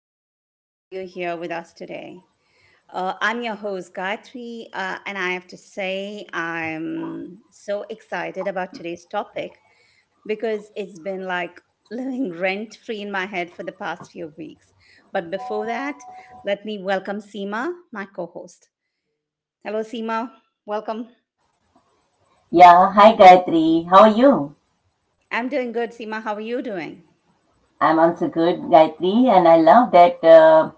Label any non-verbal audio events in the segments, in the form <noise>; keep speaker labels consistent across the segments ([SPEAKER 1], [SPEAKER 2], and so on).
[SPEAKER 1] So good to have you here with us today. I'm your host, Gayatri, and I have to say I'm so excited about today's topic because it's been like living <laughs> rent free in my head for the past few weeks. But before that, let me welcome Seema, my co host. Hello, Seema. Welcome.
[SPEAKER 2] Yeah, hi Gayatri. How are you?
[SPEAKER 1] I'm doing good, Seema. How are you doing?
[SPEAKER 2] I'm also good, Gayatri, and I love that uh,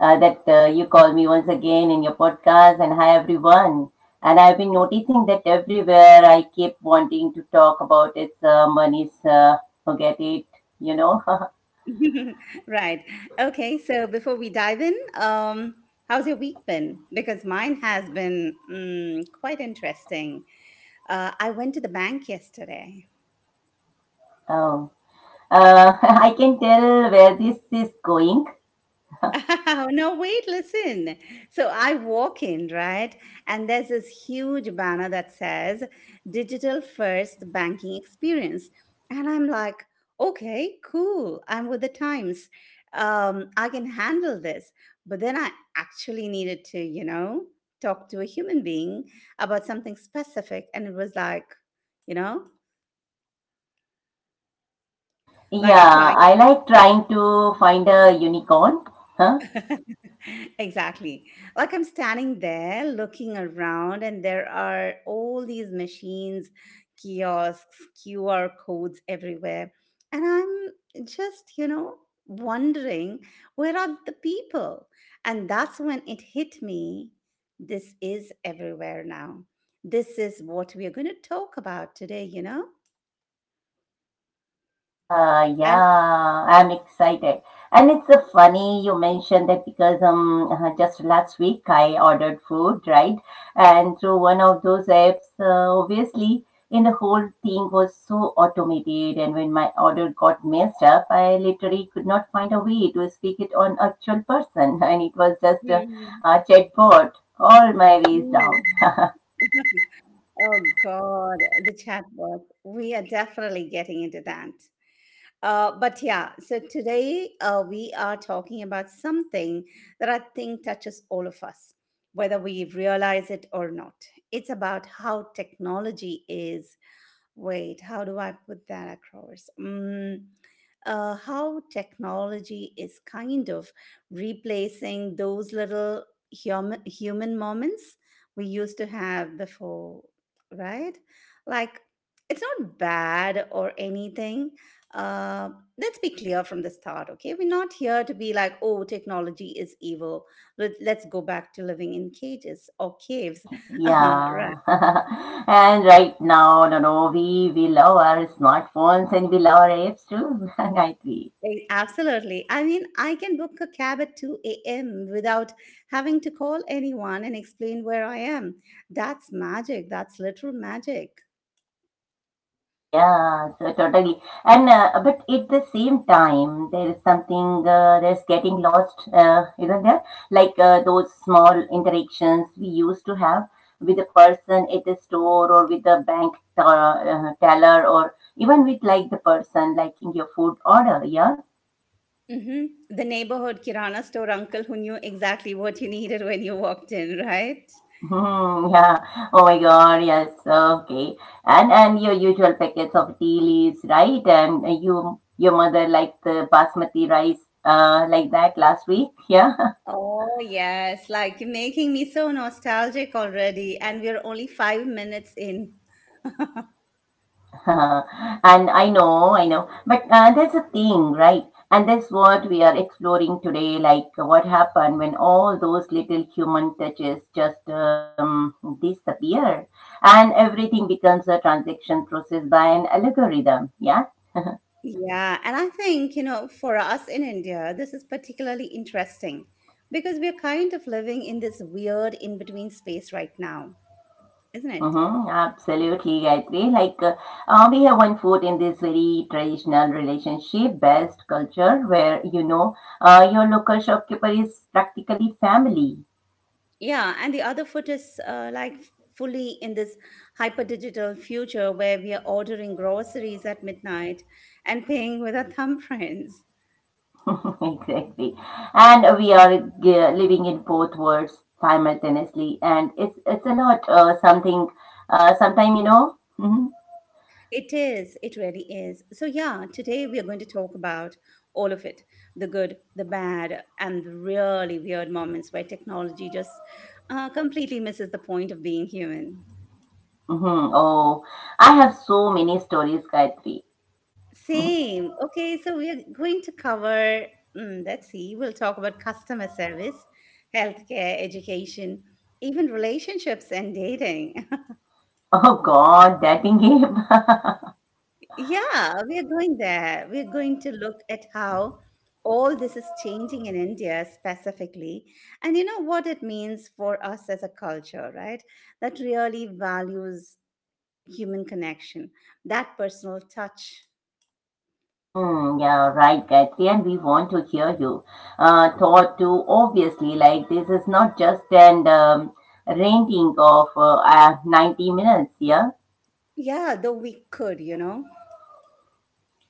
[SPEAKER 2] uh, that uh, you call me once again in your podcast. And hi everyone. And I've been noticing that everywhere I keep wanting to talk about is money's forget it, you know. <laughs>
[SPEAKER 1] <laughs> Right. Okay. So before we dive in, how's your week been? Because mine has been quite interesting. I went to the bank yesterday.
[SPEAKER 2] Oh. <laughs> I can tell where this is going.
[SPEAKER 1] <laughs> No, wait, listen. So I walk in, right? And there's this huge banner that says digital first banking experience. And I'm like, okay, cool. I'm with the times. I can handle this. But then I actually needed to, you know, talk to a human being about something specific. And it was like, you know, like
[SPEAKER 2] Yeah,
[SPEAKER 1] trying
[SPEAKER 2] I like trying to find a unicorn. <laughs>
[SPEAKER 1] <laughs> exactly. Like I'm standing there looking around, and there are all these machines, kiosks, QR codes everywhere. And I'm just, you know, wondering, where are the people? And that's when it hit me, this is everywhere now. This is what we are going to talk about today, you know? And
[SPEAKER 2] Yeah, I'm excited. And it's funny you mentioned that because just last week I ordered food, right? And through one of those apps, obviously, and the whole thing was so automated. And when my order got messed up, I literally could not find a way to speak it on actual person, <laughs> and it was just
[SPEAKER 1] Mhm.
[SPEAKER 2] a chatbot all my ways down.
[SPEAKER 1] Mm. <laughs> Oh God, the chatbot. We are definitely getting into that. But yeah, so today we are talking about something that I think touches all of us, whether we realize it or not. It's about how technology is, wait, how do I put that across? How technology is kind of replacing those little human moments we used to have before, right? Like it's not bad or anything. Uh, let's be clear from the start, okay? We're not here to be like, oh, technology is evil. Let's go back to living in cages or caves, <laughs> right?
[SPEAKER 2] Yeah. <laughs> And right now, no, no, we love our smartphones and we love our apps too, <laughs> right? We.
[SPEAKER 1] Absolutely. I mean, I can book a cab at 2 a.m. without having to call anyone and explain where I am. That's magic. That's literal magic.
[SPEAKER 2] Yeah, so totally. And but at the same time, there is something that's getting lost, isn't there? Like those small interactions we used to have with a person at the store or with the bank teller or even with like the person liking your food order. Yeah.
[SPEAKER 1] Hmm. The neighborhood Kirana store uncle who knew exactly what you needed when you walked in, right?
[SPEAKER 2] <laughs> Hmm, yeah. Oh my God. Yes. Okay. And your usual packets of tea leaves, right? And you your mother liked the basmati rice, like that last week. Yeah.
[SPEAKER 1] Oh, yes. Like, you're making me so nostalgic already, and we're only 5 minutes in. <laughs>
[SPEAKER 2] <laughs> And I know, I know. But there's a thing, right? And that's what we are exploring today. Like what happened when all those little human touches just disappear, and everything becomes a transaction processed by an algorithm. Yeah.
[SPEAKER 1] Yeah, and I think, you know, for us in India, this is particularly interesting because we're kind of living in this weird in between space right now, isn't it?
[SPEAKER 2] Mm-hmm, absolutely, I agree. Like, we have one foot in this very traditional relationship based culture where, you know, your local shopkeeper is practically family.
[SPEAKER 1] Yeah, and the other foot is like fully in this hyper digital future where we are ordering groceries at midnight and paying with our <laughs> thumbprints.
[SPEAKER 2] <laughs> Exactly. And we are living in both worlds simultaneously. And it's a lot, sometime, you know, hmm
[SPEAKER 1] It is. It really is. So, yeah, today we are going to talk about all of it, the good, the bad, and the really weird moments where technology just completely misses the point of being human.
[SPEAKER 2] hmm. Oh, I have so many stories, Gayatri. <laughs>
[SPEAKER 1] Same. Okay, so we are going to cover, let's see, we'll talk about customer service, healthcare, education, even relationships and dating. <laughs>
[SPEAKER 2] Oh God, dating game. <laughs>
[SPEAKER 1] Yeah, we are going there. We're going to look at how all this is changing in India specifically, and you know what it means for us as a culture, right? That really values human connection, that personal touch.
[SPEAKER 2] Mm, yeah, right, Gayatri, and we want to hear you. Thought to obviously, like this is not just an renting of 90 minutes, yeah,
[SPEAKER 1] Yeah, though we could.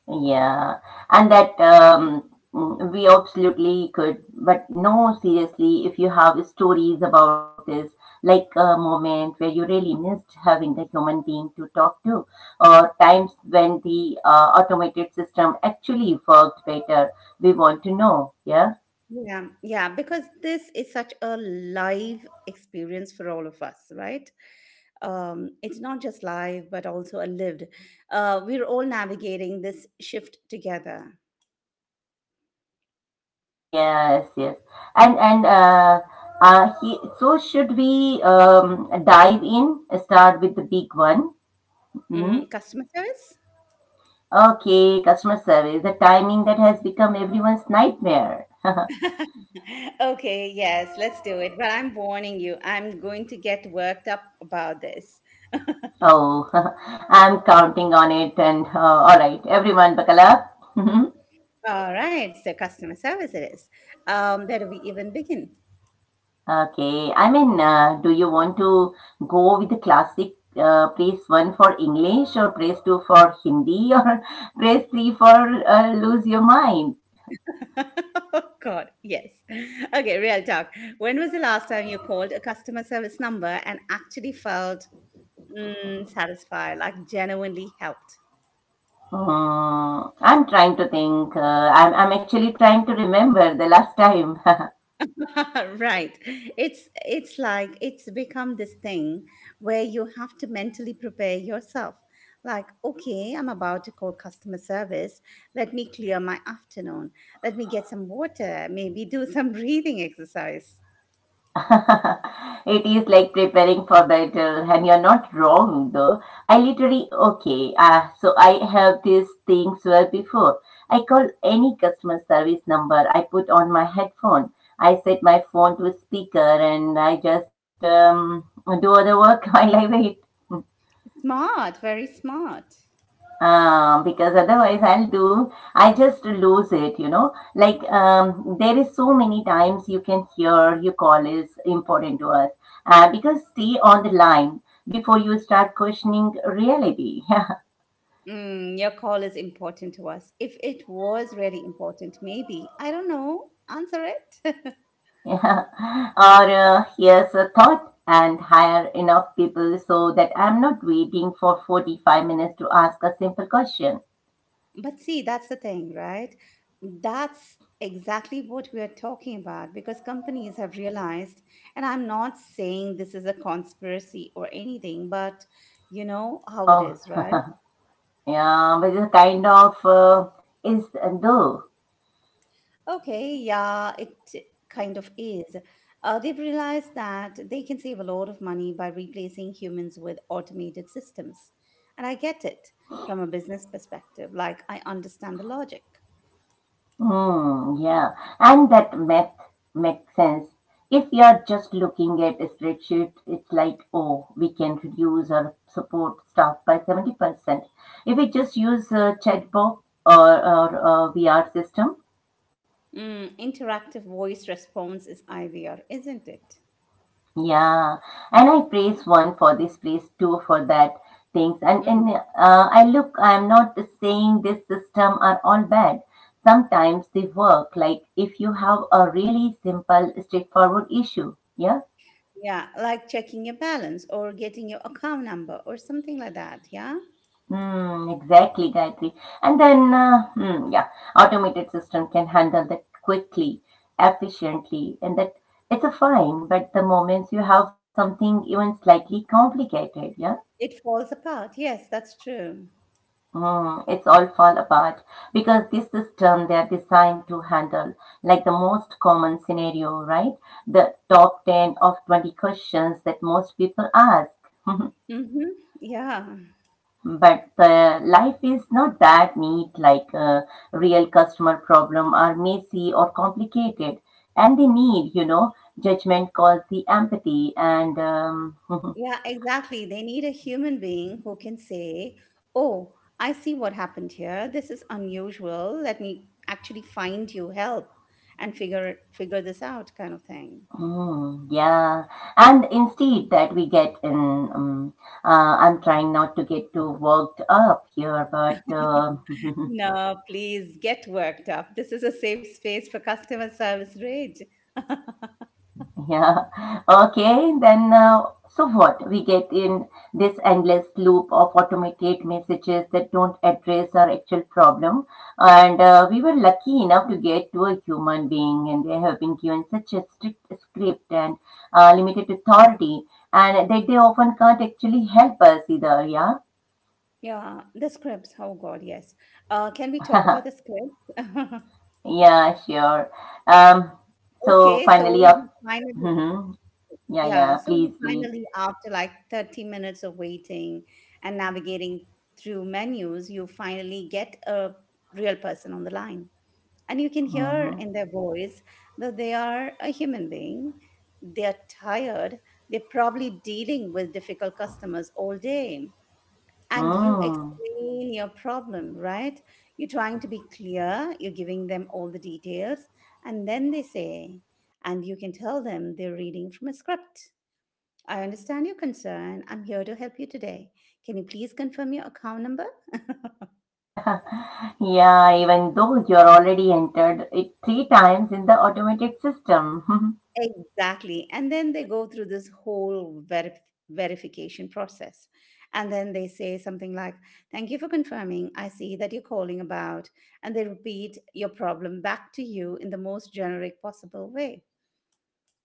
[SPEAKER 2] yeah, and that we absolutely could, but no, seriously, if you have stories about this, like a moment where you really missed having a human being to talk to, or times when the automated system actually worked better, we want to know, yeah.
[SPEAKER 1] Yeah, yeah, because this is such a live experience for all of us, right? It's not just live, but also a lived. We're all navigating this shift together.
[SPEAKER 2] Yes, yes. And so should we dive in? Start with the big one. Hmm?
[SPEAKER 1] Mm, customer service?
[SPEAKER 2] Okay, customer service, the timing that has become everyone's nightmare.
[SPEAKER 1] <laughs> Okay, yes, let's do it. But I'm warning you, I'm going to get worked up about this.
[SPEAKER 2] Oh, <laughs> I'm counting on it. And all right, everyone, buckle up. <laughs>
[SPEAKER 1] All right, so customer service it is. Where do we even begin?
[SPEAKER 2] Okay, I mean, do you want to go with the classic press one for English or press two for Hindi or <laughs> press three for lose your mind?
[SPEAKER 1] <laughs> Oh God, yes. Okay, real talk. When was the last time you called a customer service number and actually felt satisfied, like genuinely helped?
[SPEAKER 2] Hmm, I'm trying to think. I'm actually trying to remember the last time.
[SPEAKER 1] <laughs> Right. It's like it's become this thing where you have to mentally prepare yourself, like, okay, I'm about to call customer service, let me clear my afternoon, let me get some water, maybe do some <laughs> breathing exercise.
[SPEAKER 2] <laughs> It is like preparing for battle, and you're not wrong though. I literally, okay, so I have these things well before. I call any customer service number, I put on my headphone, I set my phone to speaker, and I just do other work <laughs> while I wait.
[SPEAKER 1] Smart, very smart.
[SPEAKER 2] Um, because otherwise I'll do I just lose it, you know, like um, there is so many times you can hear your call is important to us, because stay on the line before you start questioning reality. <laughs>
[SPEAKER 1] Mm, your call is important to us. If it was really important, maybe, I don't know, answer it. <laughs>
[SPEAKER 2] Yeah. Or here's a thought, and hire enough people so that I'm not waiting for 45 minutes to ask a simple question.
[SPEAKER 1] But see, that's the thing, right? That's exactly what we are talking about because companies have realized, and I'm not saying this is a conspiracy or anything, but you know how it
[SPEAKER 2] Oh.
[SPEAKER 1] is, right?
[SPEAKER 2] <laughs> Yeah, with a kind of is though.
[SPEAKER 1] Okay, yeah, it kind of is. They've realized that they can save a lot of money by replacing humans with automated systems. And I get it, from a business perspective, like, I understand the logic.
[SPEAKER 2] Hmm. Yeah, and that math makes sense. If you're just looking at a spreadsheet, it's like, oh, we can reduce our support staff by 70%. If we just use a chatbot or a VR system,
[SPEAKER 1] Mm, interactive voice response is IVR, isn't it?
[SPEAKER 2] yeah. And I praise one for this, praise two for that things. And, and
[SPEAKER 1] Mm,
[SPEAKER 2] uh, I look, I'm not saying this system are all bad, sometimes they work like if you have a really simple straightforward issue, yeah.
[SPEAKER 1] yeah, like checking your balance or getting your account number or something like that. Yeah,
[SPEAKER 2] Mm, exactly, Gayatri. And then, yeah, automated system can handle that quickly, efficiently, and that it's a fine. But the moments you have something even slightly complicated, yeah,
[SPEAKER 1] it falls apart. Yes, that's true.
[SPEAKER 2] mm, it's all fall apart because this system they are designed to handle like the most common scenario, right? The top 10 of 20 questions that most people ask. <laughs>
[SPEAKER 1] Mm-hmm. Yeah,
[SPEAKER 2] But the life is not that neat like a real customer problem are messy or complicated and they need, you know, judgment calls the empathy and <laughs>
[SPEAKER 1] yeah, exactly. They need a human being who can say, oh, I see what happened here. This is unusual. Let me actually find you help and figure this out kind of thing.
[SPEAKER 2] mm, yeah. And instead that we get in I'm trying not to get too worked up here, but <laughs>
[SPEAKER 1] No, please get worked up. This is a safe space for customer service rage. <laughs>
[SPEAKER 2] Yeah. <laughs> Okay. Then, so what? We get in this endless loop of automated messages that don't address our actual problem. And we were lucky enough to get to a human being, and they have been given such a strict script and limited authority, and that they often can't actually help us either. Yeah.
[SPEAKER 1] Yeah, the scripts. Oh God, yes. Can we talk about the
[SPEAKER 2] <laughs>
[SPEAKER 1] scripts? <laughs>
[SPEAKER 2] Yeah, sure. Um, so
[SPEAKER 1] Okay, so
[SPEAKER 2] finally,
[SPEAKER 1] you
[SPEAKER 2] up.
[SPEAKER 1] finally,
[SPEAKER 2] <laughs> Yeah,
[SPEAKER 1] yeah,
[SPEAKER 2] yeah.
[SPEAKER 1] so you
[SPEAKER 2] Please, please.
[SPEAKER 1] finally, after like 30 minutes of waiting and navigating through menus, you finally get a real person on the line. And you can hear
[SPEAKER 2] Mm-hmm.
[SPEAKER 1] in their voice that they are a human being. They are tired. They're probably dealing with difficult customers all day. And you
[SPEAKER 2] Mm.
[SPEAKER 1] explain your problem, right? You're trying to be clear. You're giving them all the details. And then they say, and you can tell them they're reading from a script, I understand your concern. I'm here to help you today. Can you please confirm your account number? <laughs>
[SPEAKER 2] <laughs> Yeah, even though you're already entered it 3 times in the automated system. <laughs>
[SPEAKER 1] Exactly. And then they go through this whole verification process. And then they say something like, thank you for confirming. I see that you're calling about. And they repeat your problem back to you in the most generic possible way.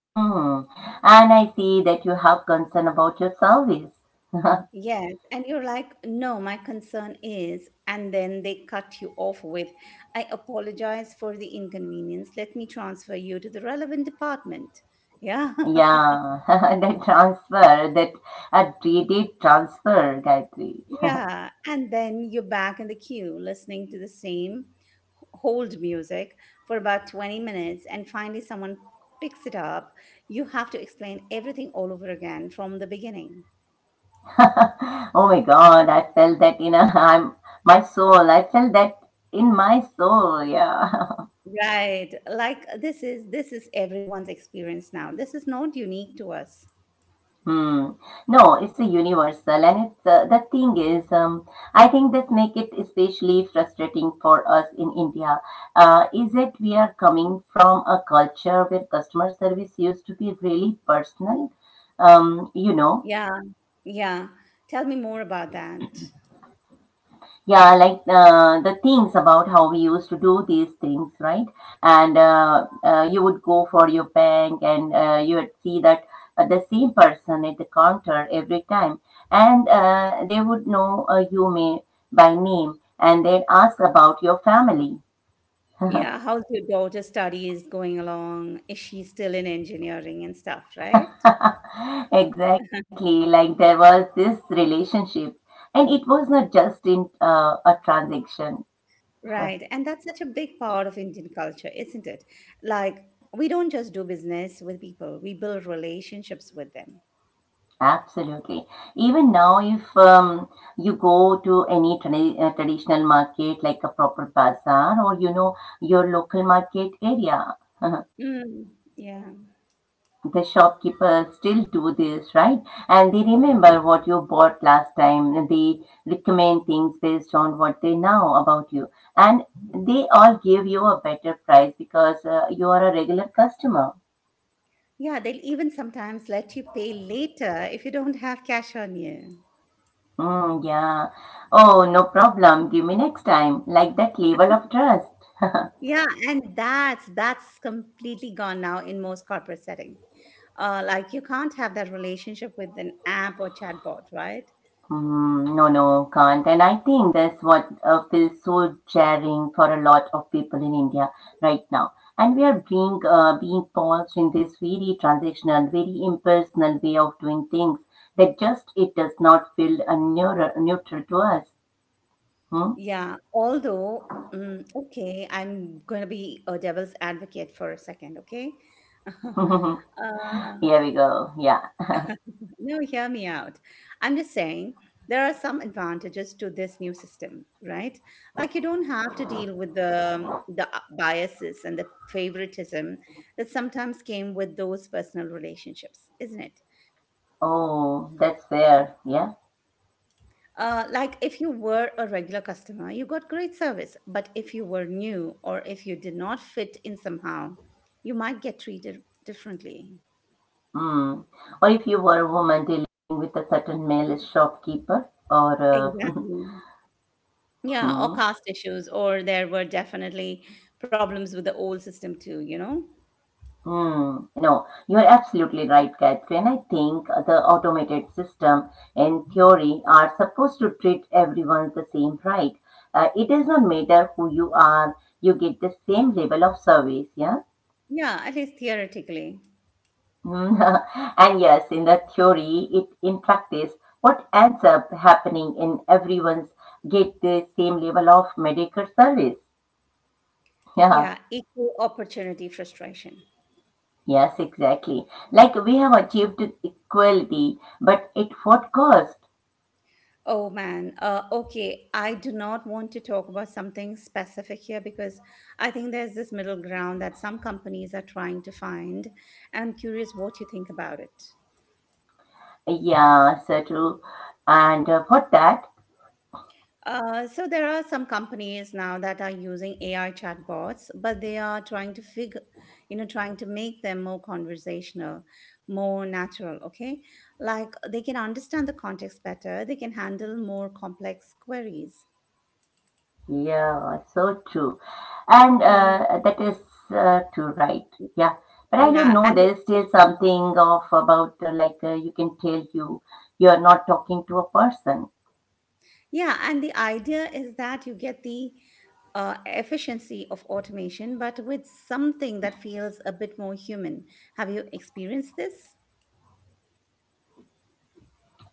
[SPEAKER 2] Hmm. And I see that you have concern about your service. <laughs>
[SPEAKER 1] Yes. And you're like, no, my concern is. And then they cut you off with, I apologize for the inconvenience. Let me transfer you to the relevant department. Yeah. <laughs>
[SPEAKER 2] Yeah, <laughs> that transfer, that updated transfer, Gayatri.
[SPEAKER 1] Yeah, and then you're back in the queue listening to the same hold music for about 20 minutes, and finally someone picks it up. You have to explain everything all over again from the beginning.
[SPEAKER 2] <laughs> Oh my God, I felt that in a, I'm, my soul. I felt that in my soul. Yeah. <laughs>
[SPEAKER 1] Right. Like this is everyone's experience now. This is not unique to us.
[SPEAKER 2] Hmm. No, it's a universal, and it's the thing is, I think this make it especially frustrating for us in India. Is it we are coming from a culture where customer service used to be really personal, you know.
[SPEAKER 1] Yeah. Yeah. Tell me more about that.
[SPEAKER 2] Yeah, like the things about how we used to do these things, right? And you would go for your bank, and you would see that the same person at the counter every time, and they would know you may by name, and they'd ask about your family.
[SPEAKER 1] Yeah, how's your daughter's studies going along? Is she still in engineering and stuff, right?
[SPEAKER 2] <laughs>
[SPEAKER 1] <laughs>
[SPEAKER 2] Exactly, like there was this relationship, and it was not just in a transaction.
[SPEAKER 1] Right. And that's such a big part of Indian culture, isn't it? Like, we don't just do business with people, we build relationships with them.
[SPEAKER 2] Absolutely. Even now, if you go to any traditional market like a proper bazaar or you know your local market area, uh,
[SPEAKER 1] Mm, yeah.
[SPEAKER 2] the shopkeepers still do this, right? And they remember what you bought last time. And they recommend things based on what they know about you, and they all give you a better price because you are a regular customer.
[SPEAKER 1] Yeah. They'll even sometimes let you pay later if you don't have cash on you.
[SPEAKER 2] Mm, yeah. Oh, no problem. Give me next time. Like that level of trust.
[SPEAKER 1] Yeah. And that's completely gone now in most corporate setting. Like, you can't have that relationship with an app or chatbot, right?
[SPEAKER 2] Mm, no, no, can't. And I think that's what feels so jarring for a lot of people in India right now. And we are being forced in this very transitional, very impersonal way of doing things that just it does not feel neutral to us. Hmm?
[SPEAKER 1] Yeah. Although, okay, I'm going to be a devil's advocate for a second, okay? <laughs>
[SPEAKER 2] <laughs>
[SPEAKER 1] Uh,
[SPEAKER 2] Here we go. Yeah.
[SPEAKER 1] no, hear me out. I'm just saying there are some advantages to this new system, right? Like you don't have to deal with the biases and the favoritism that sometimes came with those personal relationships, isn't it?
[SPEAKER 2] Oh, that's fair. Yeah.
[SPEAKER 1] Like if you were a regular customer, you got great service, but if you were new or if you did not fit in somehow, you might get treated differently.
[SPEAKER 2] Hmm. Or if you were a woman dealing with a certain male shopkeeper, or
[SPEAKER 1] Exactly. Yeah, or
[SPEAKER 2] uh, <laughs>
[SPEAKER 1] caste issues, or there were definitely problems with the old system too, you know?
[SPEAKER 2] Hmm. No, you are absolutely right, Catherine. I think the automated system, in theory, are supposed to treat everyone the same right. It does not matter who you are, you get the same level of service, yeah?
[SPEAKER 1] Yeah, at least theoretically.
[SPEAKER 2] Hmm. <laughs> And yes, in the theory, it in practice, what ends up happening in everyone's get the same level of medical service. <laughs> Yeah.
[SPEAKER 1] Yeah, equal opportunity frustration.
[SPEAKER 2] Yes, exactly. Like we have achieved equality, but at what cost?
[SPEAKER 1] Oh man, okay, I do not want to talk about something specific here because I think there's this middle ground that some companies are trying to find, and I'm curious what you think about it.
[SPEAKER 2] Yeah, so true. And for that,
[SPEAKER 1] So there are some companies now that are using AI chatbots, but they are trying to figure, you know, trying to make them more conversational, more natural. Okay, like they can understand the context better. They can handle more complex queries.
[SPEAKER 2] yeah, so true. And
[SPEAKER 1] Mm,
[SPEAKER 2] that is true, right? Yeah. But I don't
[SPEAKER 1] yeah,
[SPEAKER 2] know,
[SPEAKER 1] and
[SPEAKER 2] there's still something of about you can tell you're not talking to a person.
[SPEAKER 1] yeah, and the idea is that you get the efficiency of automation, but with something that feels a bit more human. Have you experienced this?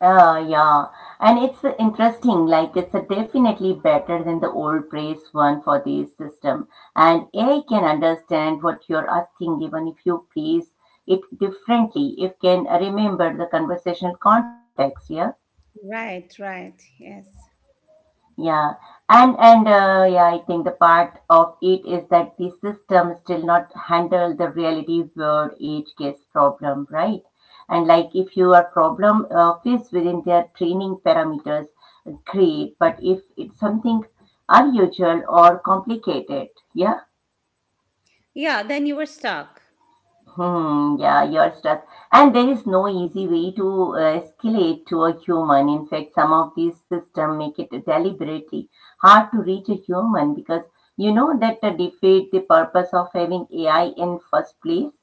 [SPEAKER 2] Yeah, and it's interesting, like it's definitely better than the old praise one for the system. And AI can understand what you're asking, even if you phrase it differently, If can remember the conversational context, yeah.
[SPEAKER 1] Right, right. Yes.
[SPEAKER 2] Yeah, and yeah, I think the part of it is that the system still not handle the reality world age case problem, right? And like if your problem fits within their training parameters, great. But if it's something unusual or complicated, yeah.
[SPEAKER 1] Yeah, then you were stuck.
[SPEAKER 2] Hmm, yeah, you're stuck. And there is no easy way to escalate to a human. In fact, some of these systems make it deliberately hard to reach a human because you know that defeat the purpose of having AI in first place.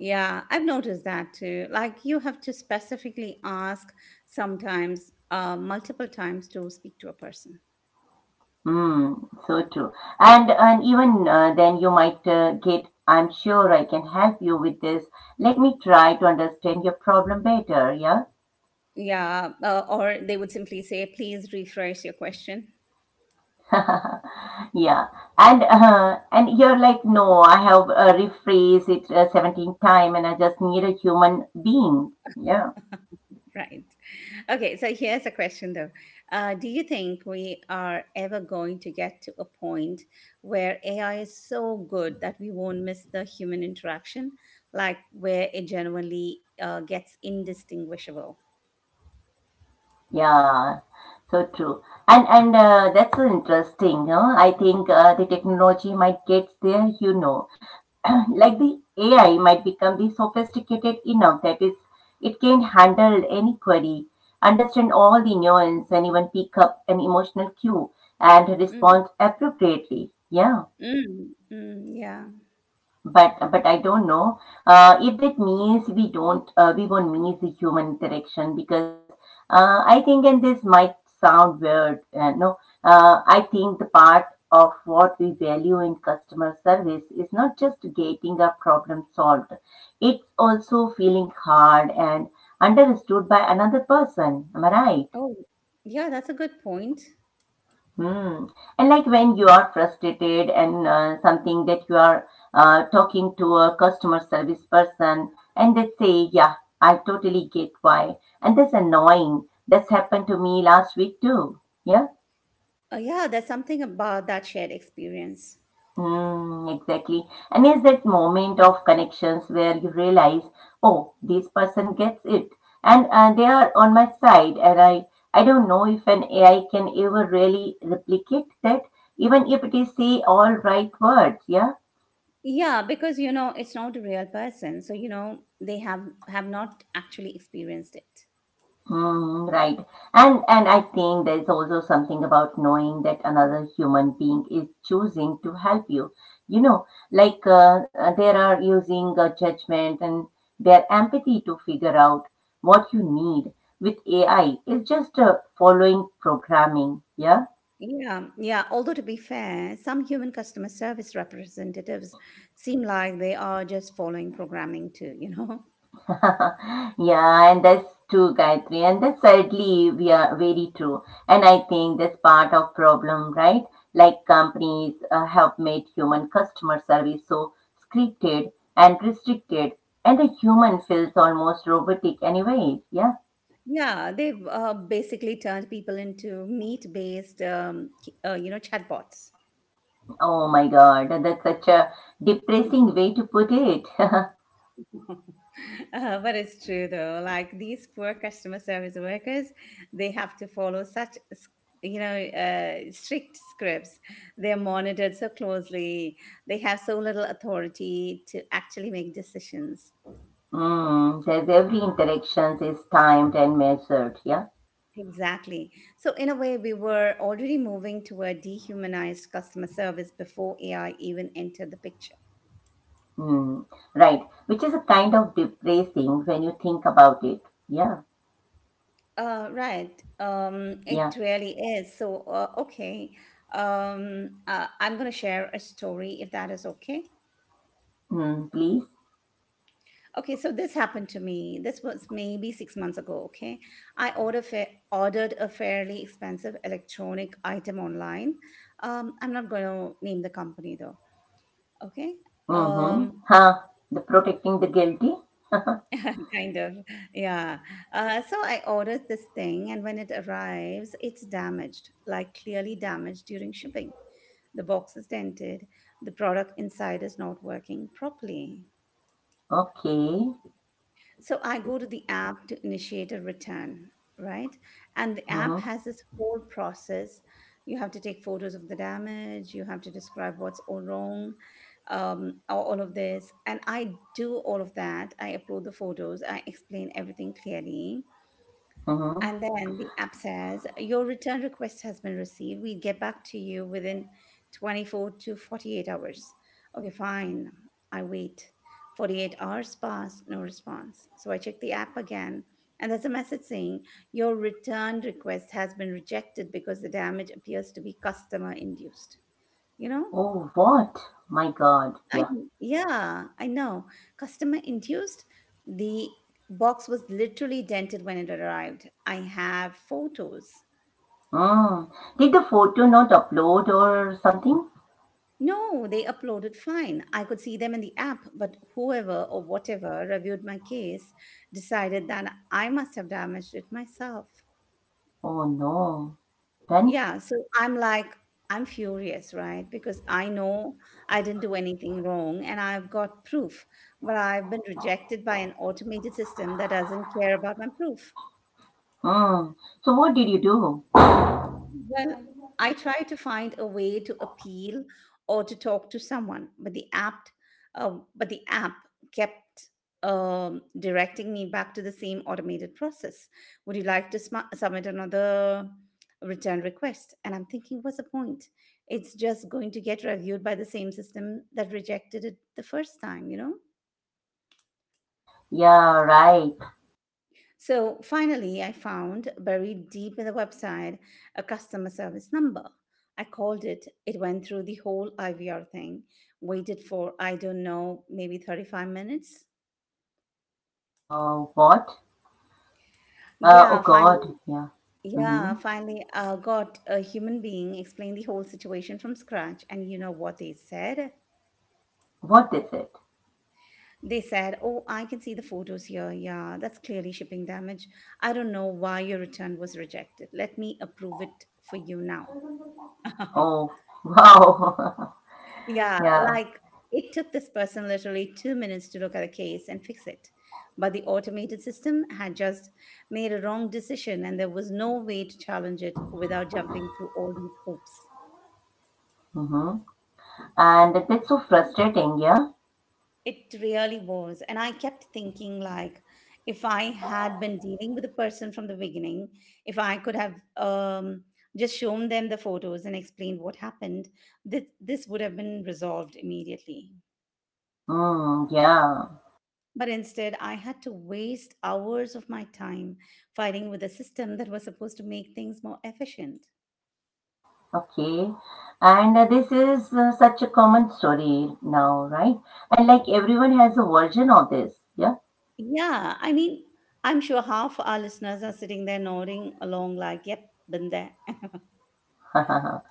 [SPEAKER 1] Yeah, I've noticed that too. Like you have to specifically ask sometimes, multiple times to speak to a person.
[SPEAKER 2] Hmm, so true. And even then you might get, I'm sure I can help you with this. Let me try to understand your problem better. Yeah.
[SPEAKER 1] Yeah, or they would simply say, please rephrase your question. <laughs>
[SPEAKER 2] <laughs> Yeah. And you're like, no, I have rephrased it 17 time and I just need a human being. Yeah.
[SPEAKER 1] Right. Okay, so here's a question though. Do you think we are ever going to get to a point where AI is so good that we won't miss the human interaction, like where it genuinely gets indistinguishable?
[SPEAKER 2] Yeah, so true. And That's so interesting. Huh? I think the technology might get there. <clears throat> Like
[SPEAKER 1] Mm.
[SPEAKER 2] the AI might become the sophisticated enough that is it can handle any query, understand all the nuance and even pick up an emotional cue and respond appropriately. Yeah.
[SPEAKER 1] Mm, mm, yeah.
[SPEAKER 2] But I don't know if that means we won't miss the human interaction because I think, and this might sound weird no, I think the part of what we value in customer service is not just getting a problem solved, it's also feeling hard and understood by another person, am I right?
[SPEAKER 1] Oh, yeah, that's a good point.
[SPEAKER 2] Hmm. And like when you are frustrated and something that you are talking to a customer service person and they say, "Yeah, I totally get why. And that's annoying. That's happened to me last week too." Yeah.
[SPEAKER 1] Yeah, there's something about that shared experience.
[SPEAKER 2] Mm, exactly. And it's that moment of connections where you realize, oh, this person gets it, and they are on my side, and I don't know if an AI can ever really replicate that, even if it is say all right words. Yeah.
[SPEAKER 1] Yeah, because you know it's not a real person, so you know they have not actually experienced it.
[SPEAKER 2] Mm, right. And I think there is also something about knowing that another human being is choosing to help you. You know, like there are using judgment and their empathy to figure out what you need. With AI, it's just following programming. Yeah.
[SPEAKER 1] Yeah, yeah. Although to be fair, some human customer service representatives seem like they are just following programming too, <laughs> you know?
[SPEAKER 2] <laughs> yeah, and that's true, Gayatri, and that's sadly we are very true. And I think that's part of problem, right? Like companies have made human customer service so scripted and restricted, and the human feels almost robotic, anyways. Yeah.
[SPEAKER 1] Yeah, they've basically turned people into meat-based, chatbots.
[SPEAKER 2] Oh my God, that's such a depressing way to put it. <laughs>
[SPEAKER 1] <laughs> But it's true though. Like these poor customer service workers, they have to follow such, strict scripts. They're monitored so closely. They have so little authority to actually make decisions.
[SPEAKER 2] Mm, there's every interaction is timed and measured. Yeah.
[SPEAKER 1] Exactly. So in a way, we were already moving toward dehumanized customer service before AI even entered the picture.
[SPEAKER 2] Hmm, right, which is a kind of depressing when you think about it. Yeah,
[SPEAKER 1] Right.
[SPEAKER 2] yeah.
[SPEAKER 1] It really is. So, okay. I'm going to share a story if that is okay.
[SPEAKER 2] Mm, please.
[SPEAKER 1] Okay, so this happened to me. This was maybe 6 months ago. Okay, ordered a fairly expensive electronic item online. I'm not going to name the company though. Okay.
[SPEAKER 2] Mm-hmm.
[SPEAKER 1] Um,
[SPEAKER 2] Huh. The protecting the guilty. <laughs>
[SPEAKER 1] kind of yeah, so I ordered this thing, and when it arrives, it's damaged, like clearly damaged during shipping. The box is dented. The product inside is not working properly.
[SPEAKER 2] Okay.
[SPEAKER 1] So I go to the app to initiate a return, right, and the app
[SPEAKER 2] Mm-hmm.
[SPEAKER 1] has this whole process. You have to take photos of the damage, you have to describe what's all wrong, all of this. And I do all of that. I upload the photos, I explain everything clearly.
[SPEAKER 2] Mm-hmm.
[SPEAKER 1] And then the app says, your return request has been received. We get back to you within 24 to 48 hours. Okay, fine. I wait. 48 hours pass, no response. So I check the app again, and there's a message saying, your return request has been rejected because the damage appears to be customer induced. You know?
[SPEAKER 2] Oh, what? My God.
[SPEAKER 1] I,
[SPEAKER 2] Yeah.
[SPEAKER 1] yeah, I know. Customer induced. The box was literally dented when it arrived. I have photos.
[SPEAKER 2] Mm. Did the photo not upload or something?
[SPEAKER 1] No, they uploaded fine. I could see them in the app, but whoever or whatever reviewed my case decided that I must have damaged it myself.
[SPEAKER 2] Oh no. Then?
[SPEAKER 1] Yeah, so I'm like, I'm furious, right? Because I know I didn't do anything wrong and I've got proof, but I've been rejected by an automated system that doesn't care about my proof.
[SPEAKER 2] Mm. So what did you do?
[SPEAKER 1] Well, I try to find a way to appeal or to talk to someone, but the app, but the app kept directing me back to the same automated process. Would you like to submit another return request? And I'm thinking, what's the point? It's just going to get reviewed by the same system that rejected it the first time, you know?
[SPEAKER 2] Yeah, right.
[SPEAKER 1] So finally, I found, buried deep in the website, a customer service number. I called it. It went through the whole IVR thing, waited for, I don't know, maybe 35 minutes.
[SPEAKER 2] What? Oh
[SPEAKER 1] Yeah,
[SPEAKER 2] God.
[SPEAKER 1] finally,
[SPEAKER 2] Yeah. Mm-hmm.
[SPEAKER 1] I got a human being, explain the whole situation from scratch. And you know what they said?
[SPEAKER 2] What is it?
[SPEAKER 1] They said, oh, I can see the photos here. Yeah, that's clearly shipping damage. I don't know why your return was rejected. Let me approve it for you now. <laughs>
[SPEAKER 2] Oh, <laughs> wow.
[SPEAKER 1] Yeah,
[SPEAKER 2] <laughs> Yeah.
[SPEAKER 1] like it took this person literally 2 minutes to look at a case and fix it. But the automated system had just made a wrong decision and there was no way to challenge it without jumping through all these hoops.
[SPEAKER 2] Mm-hmm. And that's so frustrating, yeah?
[SPEAKER 1] It really was. And I kept thinking, like, if I had been dealing with the person from the beginning, if I could have just shown them the photos and explained what happened, this would have been resolved immediately.
[SPEAKER 2] Mm, yeah.
[SPEAKER 1] But instead, I had to waste hours of my time fighting with a system that was supposed to make things more efficient.
[SPEAKER 2] Okay. And this is such a common story now, right? And like everyone has a version of this, yeah?
[SPEAKER 1] Yeah, I mean, I'm sure half our listeners are sitting there nodding along, like, yep, been there. <laughs>
[SPEAKER 2] <laughs>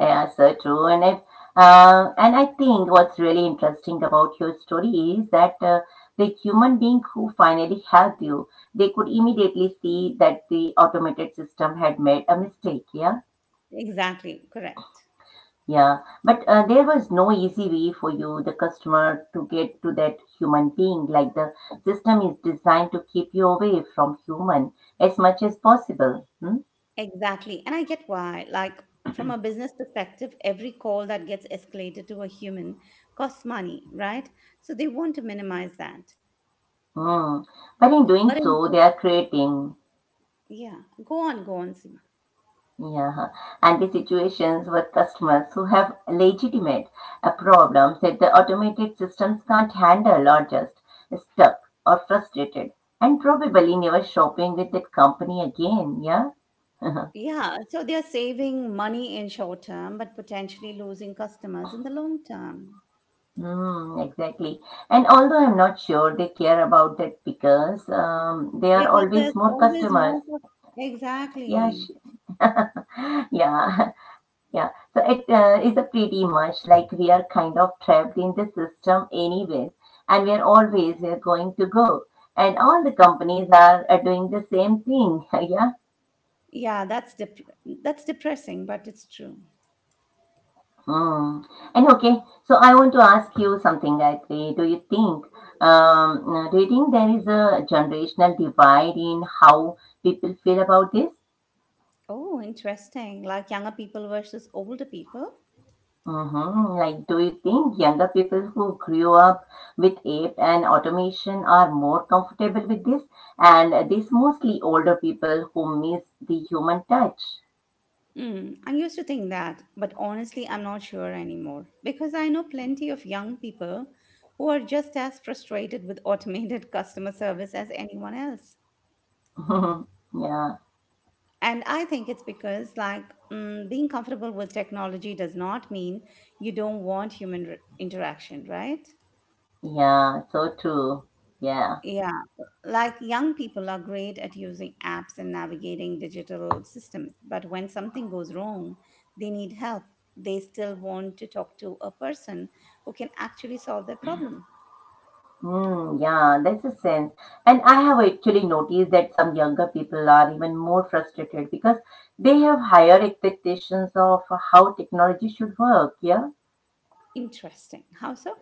[SPEAKER 2] Yeah, so true. And I think what's really interesting about your story is that the human being who finally helped you, they could immediately see that the automated system had made a mistake, yeah.
[SPEAKER 1] Exactly, correct.
[SPEAKER 2] Yeah, but there was no easy way for you, the customer, to get to that human being. Like the system is designed to keep you away from human as much as possible. Hmm?
[SPEAKER 1] Exactly. And I get why. Like, from a business perspective, every call that gets escalated to a human costs money, right? So they want to minimize that.
[SPEAKER 2] Hmm. But in doing
[SPEAKER 1] But in,
[SPEAKER 2] so, they are creating
[SPEAKER 1] yeah, go on, go on, Seema.
[SPEAKER 2] yeah, anti situations with customers who have legitimate problems that the automated systems can't handle or just stuck or frustrated and probably never shopping with that company again. Yeah. <laughs>
[SPEAKER 1] Yeah, so they're saving money in short term, but potentially losing customers in the long term
[SPEAKER 2] Mm, exactly. And although I'm not sure they care about that because there are
[SPEAKER 1] because there's
[SPEAKER 2] always more
[SPEAKER 1] always
[SPEAKER 2] customers.
[SPEAKER 1] more.
[SPEAKER 2] Yeah,
[SPEAKER 1] Exactly.
[SPEAKER 2] sh- yeah, <laughs> yeah. So it is a pretty much like we are kind of trapped in the system anyways, and we are going to go. And all the companies are doing the same thing. <laughs> Yeah.
[SPEAKER 1] Yeah, that's depressing, but it's true.
[SPEAKER 2] Mm. And okay, so I want to ask you something that do you think there is a generational divide in how people feel about this?
[SPEAKER 1] Oh, interesting. Like younger people versus older people.
[SPEAKER 2] Mm-hmm. Like, do you think younger people who grew up with ape and automation are more comfortable with this, and this mostly older people who miss the human touch?
[SPEAKER 1] Mm, I used to think that, but honestly, I'm not sure anymore because I know plenty of young people who are just as frustrated with automated <laughs> customer service as anyone else.
[SPEAKER 2] <laughs> yeah,
[SPEAKER 1] And I think it's because, like, mm, being comfortable with technology does not mean you don't want human interaction, right?
[SPEAKER 2] yeah, so true. Yeah.
[SPEAKER 1] Yeah. Like, young people are great at using apps and navigating digital systems, but when something goes wrong, they need help. They still want to talk to a person who can actually solve their problem.
[SPEAKER 2] Hmm. Yeah, there's a sense. And I have actually noticed that some younger people are even more frustrated because they have higher expectations of how technology should work. Yeah.
[SPEAKER 1] Interesting. How so?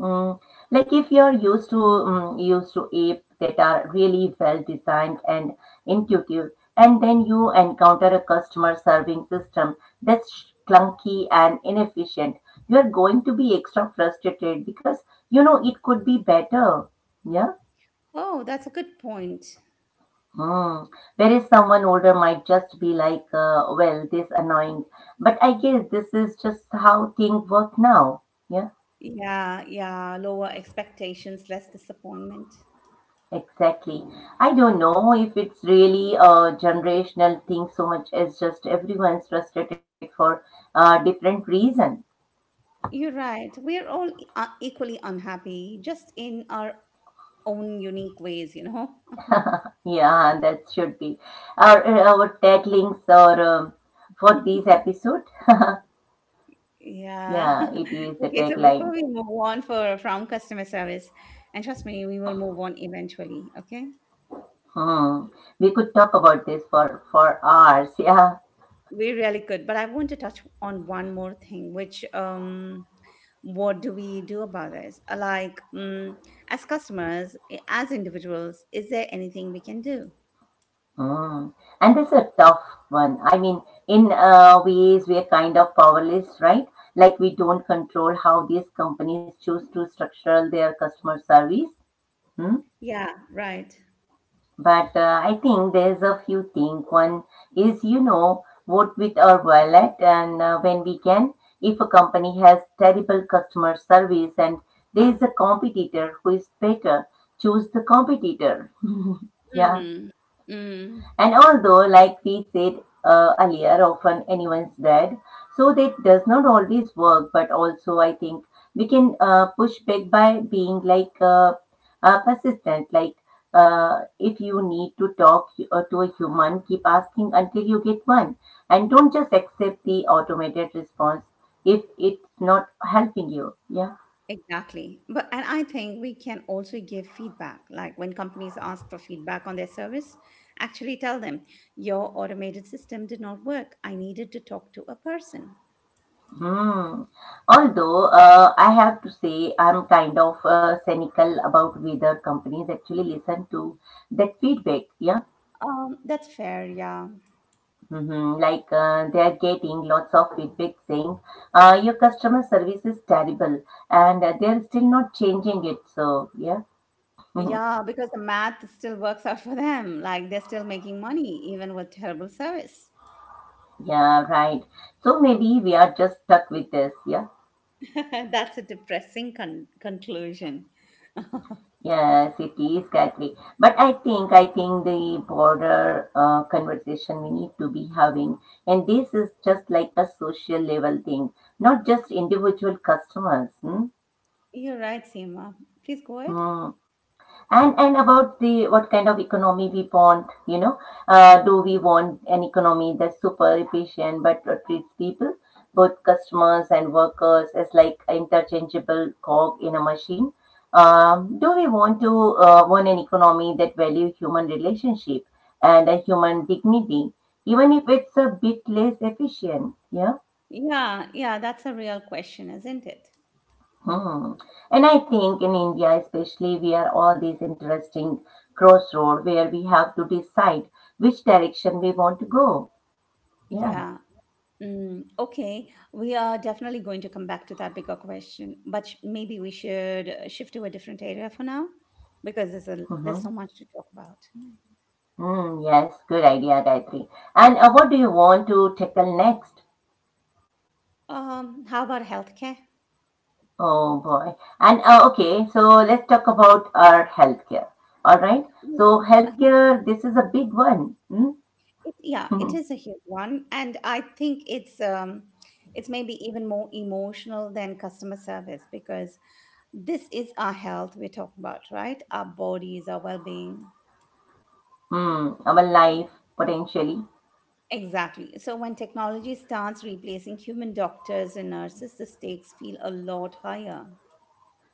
[SPEAKER 2] Mm. Like if you're used to used to apps that are really well designed and intuitive, and then you encounter a customer serving system that's clunky and inefficient, you're going to be extra frustrated because you know it could be better. Yeah.
[SPEAKER 1] Oh, that's a good point.
[SPEAKER 2] Mm. Whereas someone older might just be like, well, this annoying. But I guess this is just how things work now. Yeah,
[SPEAKER 1] Yeah, yeah, lower expectations, less disappointment.
[SPEAKER 2] exactly. I don't know if it's really a generational thing so much as just everyone's frustrated for different reason.
[SPEAKER 1] You're right. We're all equally unhappy, just in our own unique ways, you know? <laughs>
[SPEAKER 2] Yeah, that should be our taglines or for this episode.
[SPEAKER 1] Yeah.
[SPEAKER 2] Yeah, it is
[SPEAKER 1] <laughs>
[SPEAKER 2] the
[SPEAKER 1] Okay, so before
[SPEAKER 2] tagline.
[SPEAKER 1] we move on for from customer service, and trust me, we will move on eventually, okay?
[SPEAKER 2] Hmm. We could talk about this for hours. <laughs> Yeah.
[SPEAKER 1] We really could, but I want to touch on one more thing, which what do we do about this? Like, as customers, as individuals, is there anything we can do?
[SPEAKER 2] Mm. And it's a tough one. I mean, in ways, we're kind of powerless, right? Like we don't control how these companies choose to structure their customer service. Hmm?
[SPEAKER 1] Yeah, right.
[SPEAKER 2] But I think there's a few things. One is, you know, vote with our wallet and when we can. If a company has terrible customer service and there is a competitor who is better, choose the competitor. <laughs> yeah.
[SPEAKER 1] Mm, mm,
[SPEAKER 2] And although, like we said earlier, often anyone's dead, so that does not always work. But also, I think we can push back by being like persistent. Like if you need to talk to a human, keep asking until you get one, and don't just accept the automated response if it's not helping you. Yeah.
[SPEAKER 1] exactly. But and I think we can also give feedback. Like when companies ask for feedback on their service, actually tell them your automated system did not work. I needed to talk to a person.
[SPEAKER 2] Hmm. Although I have to say I'm kind of cynical about whether companies actually listen to that feedback. Yeah.
[SPEAKER 1] That's fair. Yeah.
[SPEAKER 2] Hmm. Like they are getting lots of feedback saying your customer service is terrible and they're still not changing it. So, yeah. <laughs>
[SPEAKER 1] Yeah, because the math still works out for them. Like they're still making money, even with terrible service.
[SPEAKER 2] Yeah, right. So maybe we are just stuck with this. Yeah.
[SPEAKER 1] <laughs> That's a depressing conclusion.
[SPEAKER 2] Yes, it is Catholic. But I think the broader conversation we need to be having, and this is just like a social level thing, not just individual customers. Hmm?
[SPEAKER 1] You're right, Seema. Please go ahead.
[SPEAKER 2] Hmm, and about the what kind of economy we want, you know, do we want an economy that's super efficient but treats people, both customers and workers, as like interchangeable cog in a machine, do we want an economy that value human relationship and a human dignity, even if it's a bit less efficient, yeah?
[SPEAKER 1] Yeah, yeah, that's a real question, isn't it?
[SPEAKER 2] Hmm. And I think in India, especially, we are all these interesting crossroad where we have to decide which direction we want to go. Yeah.
[SPEAKER 1] Yeah. Mm, okay, we are definitely going to come back to that bigger question, but maybe we should shift to a different area for now because there's
[SPEAKER 2] Mm-hmm.
[SPEAKER 1] so much to talk about.
[SPEAKER 2] Mm, yes, good idea, Gayatri. And what do you want to tackle next?
[SPEAKER 1] How about healthcare?
[SPEAKER 2] Oh boy. And okay, so let's talk about our healthcare. All right.
[SPEAKER 1] Mm,
[SPEAKER 2] So
[SPEAKER 1] uh-huh.
[SPEAKER 2] healthcare, this is a big one.
[SPEAKER 1] It, yeah, it
[SPEAKER 2] Mm?
[SPEAKER 1] is a
[SPEAKER 2] <laughs>
[SPEAKER 1] huge one, and I think it's maybe even more emotional than customer service because this is our health we're talking about, right? Our bodies, our well-being.
[SPEAKER 2] Hmm. Our life potentially.
[SPEAKER 1] Exactly. So when technology starts replacing human doctors and nurses, the stakes feel a lot higher.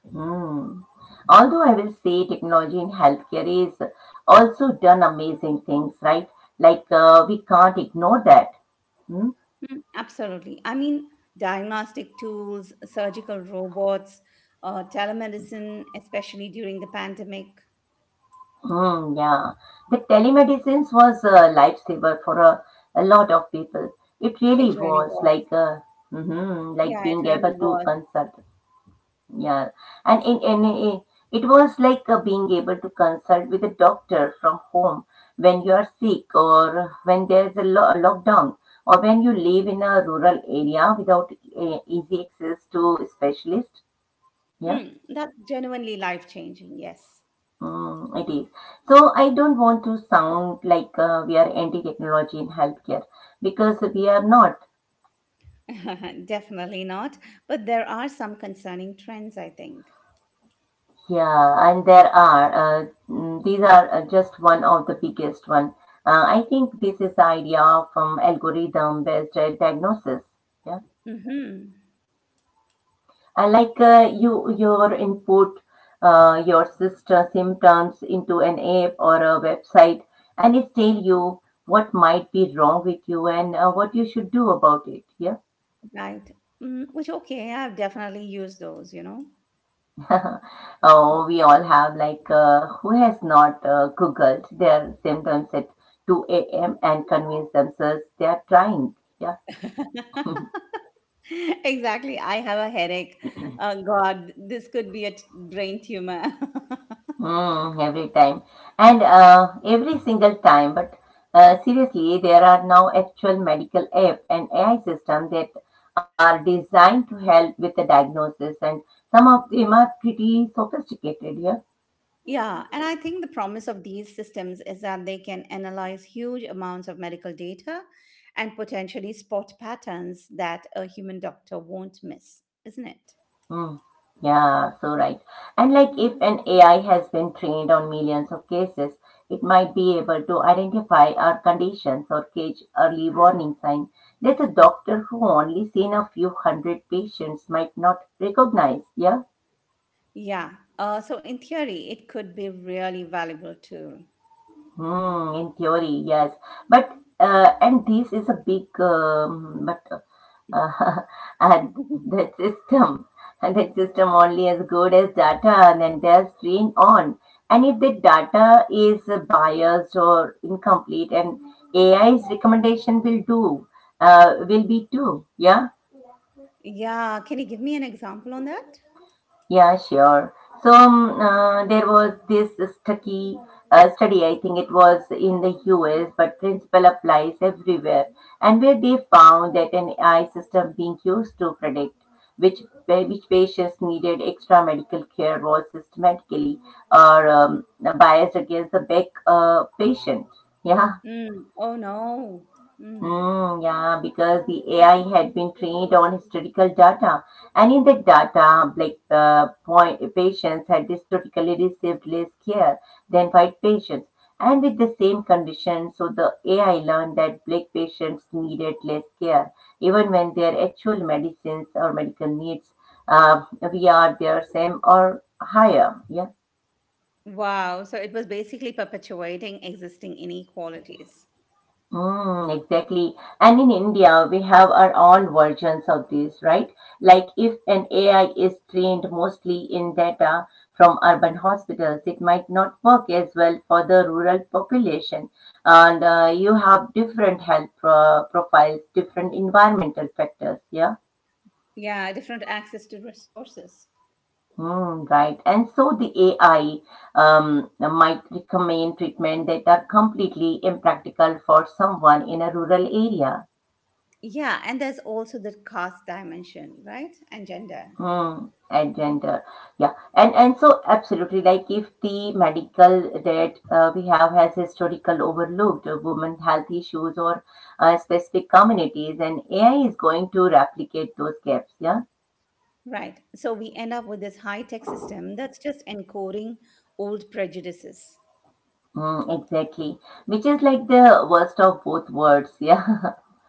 [SPEAKER 2] Hmm. Although I will say technology in healthcare is also done amazing things, right? Like we can't ignore that. Hmm?
[SPEAKER 1] Mm, absolutely. I mean, diagnostic tools, surgical robots, telemedicine, especially during the pandemic,
[SPEAKER 2] Hmm, yeah. The telemedicines was a lifesaver for a lot of people. It really
[SPEAKER 1] it really
[SPEAKER 2] was
[SPEAKER 1] was.
[SPEAKER 2] like mhm, like
[SPEAKER 1] Yeah, it
[SPEAKER 2] being
[SPEAKER 1] really
[SPEAKER 2] able to
[SPEAKER 1] was.
[SPEAKER 2] consult. Yeah, and in NAA, it was like being able to consult with a doctor from home when you are sick or when there's a, a lockdown or when you live in a rural area without easy access to specialists. Yeah,
[SPEAKER 1] Mm, that's genuinely life changing, yes.
[SPEAKER 2] mm, it is. So I don't want to sound like we are anti-technology in healthcare because we are not.
[SPEAKER 1] <laughs> Definitely not. But there are some concerning trends, I think.
[SPEAKER 2] Yeah, and there are. These are just one of the biggest one. I think this is the idea from algorithm-based diagnosis. Yeah,
[SPEAKER 1] Mm-hmm.
[SPEAKER 2] and like your input your sister symptoms into an app or a website, and it tell you what might be wrong with you and what you should do about it. Yeah.
[SPEAKER 1] Right. Mm, which, okay, I've definitely used those, you know.
[SPEAKER 2] <laughs> oh, we all have like who has not googled their symptoms at 2 a.m. and convinced themselves they are trying. Yeah, <laughs>
[SPEAKER 1] <laughs> exactly. I have a headache. Oh, God, this could be a brain tumor.
[SPEAKER 2] mm, every time and every single time. But seriously, there are now actual medical app and AI system that are designed to help with the diagnosis, and some of them are pretty sophisticated. Yeah.
[SPEAKER 1] <laughs> yeah. And I think the promise of these systems is that they can analyze huge amounts of medical data and potentially spot patterns that a human doctor won't miss, isn't it?
[SPEAKER 2] Hmm. Yeah, so right. And like if an AI has been trained on millions of cases, it might be able to identify our conditions or catch early warning signs that a doctor who only seen a few hundred patients might not recognize. Yeah.
[SPEAKER 1] Yeah. So in theory, it could be really valuable tool.
[SPEAKER 2] Hmm, in theory, yes. But and this is a big but uh, <laughs> and
[SPEAKER 1] <laughs>
[SPEAKER 2] that system and that system only as good as data and then they're trained on, and if the data is biased or incomplete, and ai's recommendation will do will be too, yeah.
[SPEAKER 1] Yeah. Can you give me an example on that?
[SPEAKER 2] Yeah, sure. There was this stucky study, I think it was in the US, but principle applies everywhere, and where they found that an AI system being used to predict which which patients needed extra medical care was systematically or biased against the back patient. Yeah.
[SPEAKER 1] Mm. Oh no. Mm.
[SPEAKER 2] Hmm. Yeah, because the AI had been trained on historical data, and in the data, point patients had historically received less care than white patients, and with the same condition, so the AI learned that black patients needed less care, even when their actual medicines or medical needs via their same or higher. Yeah.
[SPEAKER 1] Wow. So it was basically perpetuating existing inequalities.
[SPEAKER 2] Mm, exactly. And in India, we have our own versions of this, right? Like if an AI is trained mostly in data from urban hospitals, it might not work as well for the rural population. And you have different profiles, different environmental factors, yeah?
[SPEAKER 1] Yeah. Different access to resources.
[SPEAKER 2] Mm, right. And so the AI might recommend treatment that are completely impractical for someone in a rural area.
[SPEAKER 1] Yeah. And there's also the caste dimension, right? And gender.
[SPEAKER 2] Hmm. And Yeah, and so absolutely, like if the medical that we have has historical overlooked women health issues or specific communities, and AI is going to replicate those gaps. Yeah,
[SPEAKER 1] Right. So we end up with this high tech system that's just encoding old prejudices.
[SPEAKER 2] mm, exactly. Which is like the worst of both worlds. Yeah,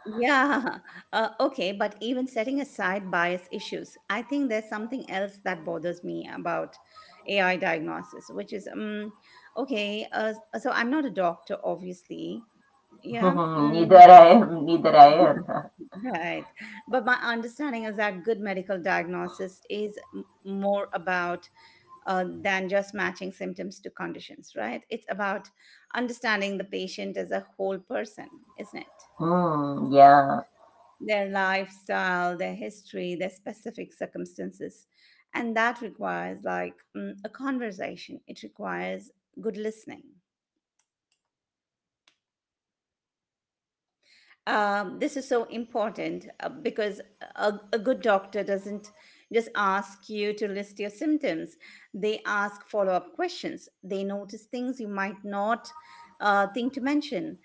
[SPEAKER 1] Yeah. <laughs> Okay. But even setting aside bias issues, I think there's something else that bothers me about AI diagnosis, which is okay. So I'm not a doctor, obviously.
[SPEAKER 2] <laughs>
[SPEAKER 1] Yeah.
[SPEAKER 2] neither
[SPEAKER 1] Mm,
[SPEAKER 2] I am, neither I am. <laughs>
[SPEAKER 1] right. But my understanding is that good medical diagnosis is more about than just matching symptoms to conditions, right? It's about understanding the patient as a whole person, isn't it?
[SPEAKER 2] Mm, yeah,
[SPEAKER 1] Their lifestyle, their history, their specific circumstances. And that requires like mm, a conversation, it requires good listening. This is so important because a good doctor doesn't just ask you to list your symptoms. They ask follow up questions. They notice things you might not think to mention,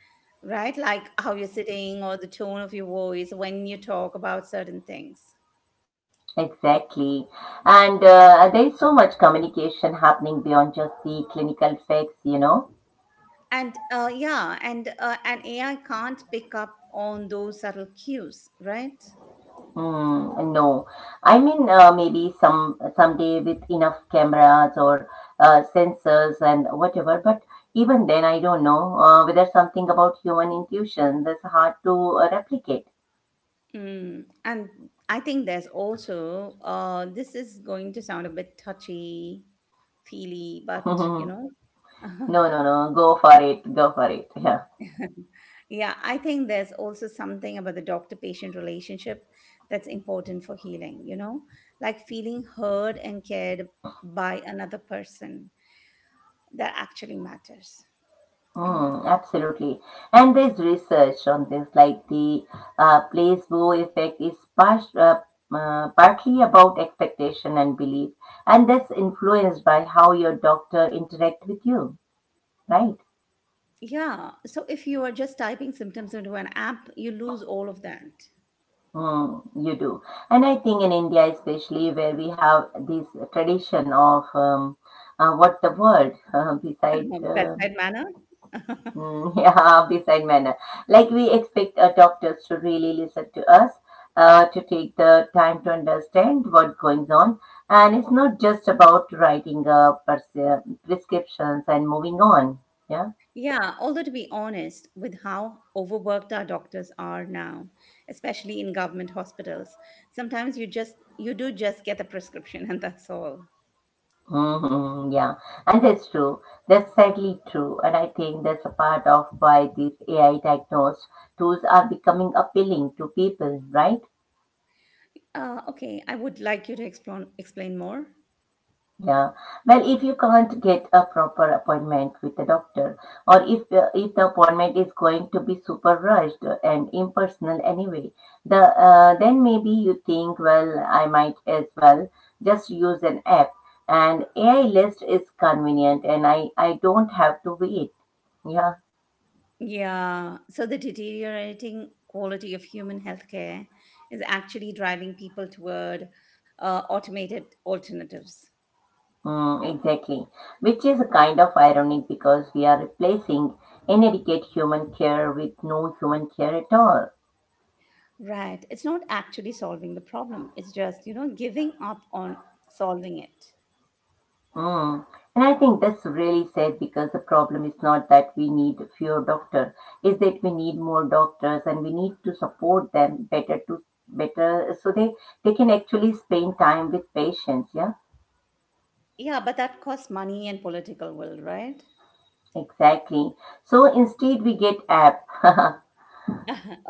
[SPEAKER 1] right? Like how you're sitting or the tone of your voice when you talk about certain things.
[SPEAKER 2] exactly. And there is so much communication happening beyond just the clinical facts,
[SPEAKER 1] And an AI can't pick up on those subtle cues, right?
[SPEAKER 2] Mm, no, I mean maybe someday with enough cameras or sensors and whatever. But even then, I don't know whether something about human intuition that's hard to replicate.
[SPEAKER 1] Mm. And I think there's also this is going to sound a bit touchy feely,
[SPEAKER 2] <laughs>
[SPEAKER 1] but you
[SPEAKER 2] no,
[SPEAKER 1] know, <laughs>
[SPEAKER 2] no. Go for it. Go for it. <laughs>
[SPEAKER 1] yeah. Yeah, I think there's also something about the doctor patient relationship that's important for healing, you know, like feeling heard and cared by another person, that actually matters.
[SPEAKER 2] Mm, absolutely. And there's research on this, like the placebo effect is partly about expectation and belief, and that's influenced by how your doctor interact with you, right?
[SPEAKER 1] Yeah. So if you are just typing symptoms into an app, you lose all of that.
[SPEAKER 2] Mm, you do. And I think in India, especially where we have this tradition of what the world <laughs> beside.
[SPEAKER 1] <laughs> Bedside manner. <laughs>
[SPEAKER 2] Mm, <laughs> yeah, beside manner. Like we expect our doctors to really listen to us, to take the time to understand what goes on. And it's not just about writing prescriptions and moving on. Yeah.
[SPEAKER 1] yeah. Although, to be honest, with how overworked our doctors are now, especially in government hospitals, sometimes you do just get the prescription <laughs> and that's all.
[SPEAKER 2] Yeah. And that's true. That's sadly true. And I think that's a part of why these AI diagnosed tools are becoming appealing to people, right?
[SPEAKER 1] Okay, I would like you to explain more.
[SPEAKER 2] Yeah. Well, if you can't get a proper appointment with the doctor, or if the appointment is going to be super rushed and impersonal anyway, then maybe you think, well, I might as well just use an app. And AI list is convenient, and I don't have to wait. Yeah,
[SPEAKER 1] Yeah. So the deteriorating quality of human healthcare is actually driving people toward automated alternatives.
[SPEAKER 2] mm, exactly. Which is kind of ironic because we are replacing inadequate human care with no human care at all.
[SPEAKER 1] Right. It's not actually solving the problem. It's just, you know, giving up on solving it.
[SPEAKER 2] Mm. And I think that's really sad because the problem is not that we need fewer doctors, is that we need more doctors and we need to support them better to better so they can actually spend time with patients. Yeah,
[SPEAKER 1] Yeah, but that costs money and political will, right?
[SPEAKER 2] exactly. So instead we get app. <laughs>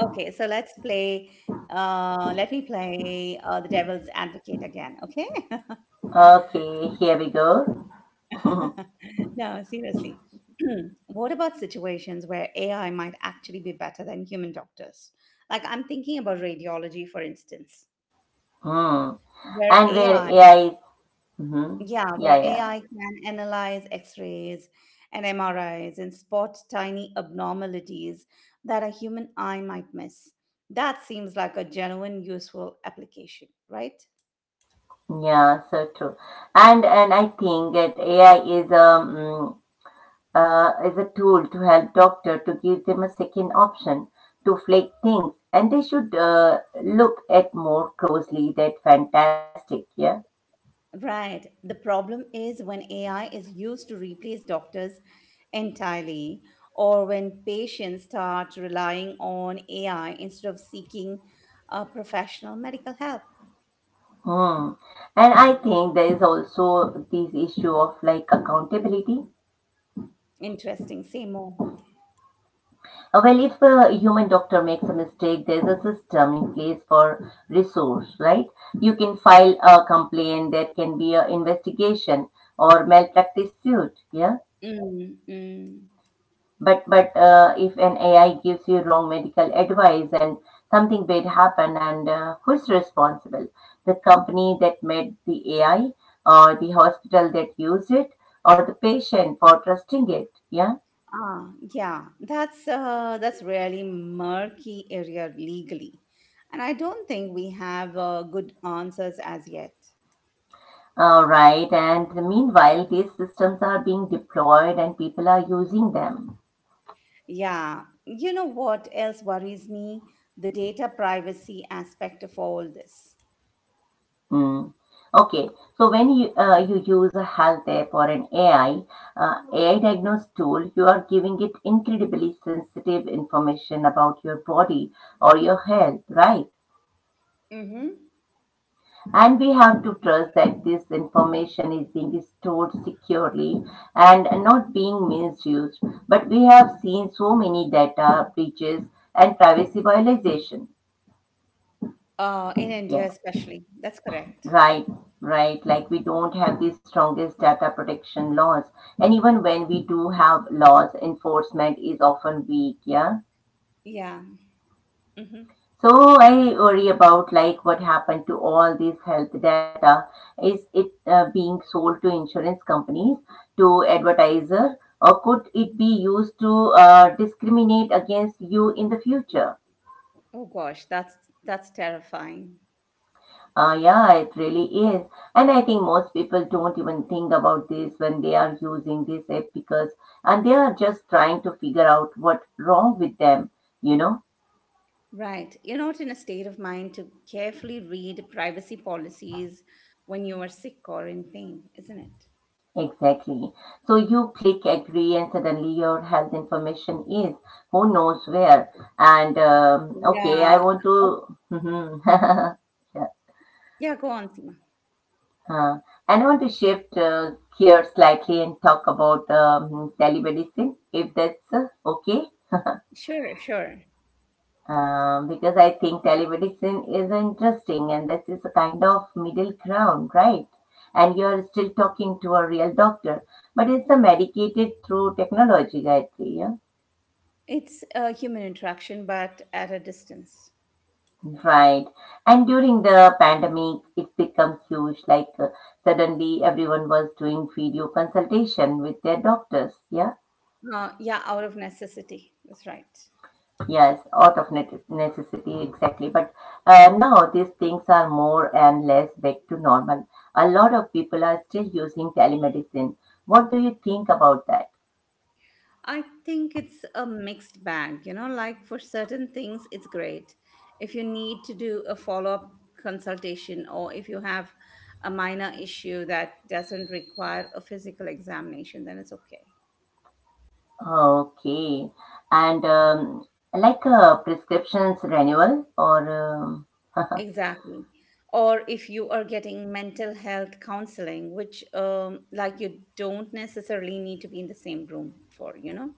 [SPEAKER 1] Okay, so let's play. Let me play the devil's advocate again, okay?
[SPEAKER 2] Okay, here we go. <laughs>
[SPEAKER 1] <laughs> <laughs> No, seriously. <clears throat> What about situations where AI might actually be better than human doctors? Like, I'm thinking about radiology, for instance,
[SPEAKER 2] Hmm.
[SPEAKER 1] where
[SPEAKER 2] And where
[SPEAKER 1] AI
[SPEAKER 2] AI is, mhm,
[SPEAKER 1] Yeah, where AI can analyze X-rays and MRIs and spot tiny abnormalities that a human eye might miss. That seems like a genuine useful application, right?
[SPEAKER 2] yeah, so true. And I think that AI is a tool to help doctor to give them a second option to flag things and they should look at more closely. That fantastic, yeah.
[SPEAKER 1] Right. The problem is when AI is used to replace doctors entirely, or when patients start relying on AI instead of seeking professional medical help.
[SPEAKER 2] Hmm. And I think there is also this issue of like accountability.
[SPEAKER 1] Interesting. Say more.
[SPEAKER 2] Well, if a human doctor makes a mistake, there's a system in place for resource, right? You can file a complaint, there can be an investigation or malpractice suit, yeah?
[SPEAKER 1] Mm, mm.
[SPEAKER 2] But if an AI gives you wrong medical advice and something bad happen, and who is responsible? The company that made the AI, or the hospital that used it, or the patient for trusting it? Yeah.
[SPEAKER 1] Ah, yeah, that's really murky area legally, and I don't think we have good answers as yet.
[SPEAKER 2] All right. And meanwhile, these systems are being deployed, and people are using them.
[SPEAKER 1] Yeah, you know what else worries me? The data privacy aspect of all this.
[SPEAKER 2] Mm. Okay. So when you use a health app or an AI diagnosed tool, you are giving it incredibly sensitive information about your body or your health, right?
[SPEAKER 1] Mm-hmm.
[SPEAKER 2] And we have to trust that this information is being stored securely and not being misused. But we have seen so many data breaches and privacy violation.
[SPEAKER 1] In India,
[SPEAKER 2] Yeah.
[SPEAKER 1] especially. That's correct.
[SPEAKER 2] Right, right. Like we don't have the strongest data protection laws. And even when we do have laws, enforcement is often weak, yeah.
[SPEAKER 1] Yeah. Mm-hmm.
[SPEAKER 2] So I worry about like what happened to all this health data. Is it being sold to insurance companies, to advertiser, or could it be used to discriminate against you in the future?
[SPEAKER 1] Oh gosh, that's terrifying.
[SPEAKER 2] Yeah, it really is. And I think most people don't even think about this when they are using this app because and they are just trying to figure out what's wrong with them, you know?
[SPEAKER 1] Right. You're not in a state of mind to carefully read privacy policies when you are sick or in pain, isn't it?
[SPEAKER 2] Exactly. So you click agree and suddenly your health information is who knows where. And okay, I
[SPEAKER 1] Yeah.
[SPEAKER 2] want
[SPEAKER 1] Oh,
[SPEAKER 2] to <laughs> yeah.
[SPEAKER 1] yeah, go on, Seema.
[SPEAKER 2] Uh, and I want to shift gears slightly and talk about telemedicine if that's okay.
[SPEAKER 1] Sure, sure.
[SPEAKER 2] Because I think telemedicine is interesting and this is a kind of middle ground, right? And you're still talking to a real doctor, but it's a medicated through technology, I think. Yeah?
[SPEAKER 1] It's a human interaction, but at a distance.
[SPEAKER 2] Right. And during the pandemic, it becomes huge. Like suddenly everyone was doing video consultation with their doctors. Yeah.
[SPEAKER 1] Yeah, out of necessity. That's right.
[SPEAKER 2] Yes, out of necessity, exactly. But now these things are more and less back to normal. A lot of people are still using telemedicine. What do you think about that?
[SPEAKER 1] I think it's a mixed bag, you know, like for certain things, it's great. If you need to do a follow-up consultation or if you have a minor issue that doesn't require a physical examination, then it's okay.
[SPEAKER 2] Okay. And like prescriptions renewal or. <laughs>
[SPEAKER 1] Exactly. Or if you are getting mental health counseling, which like you don't necessarily need to be in the same room for, you know.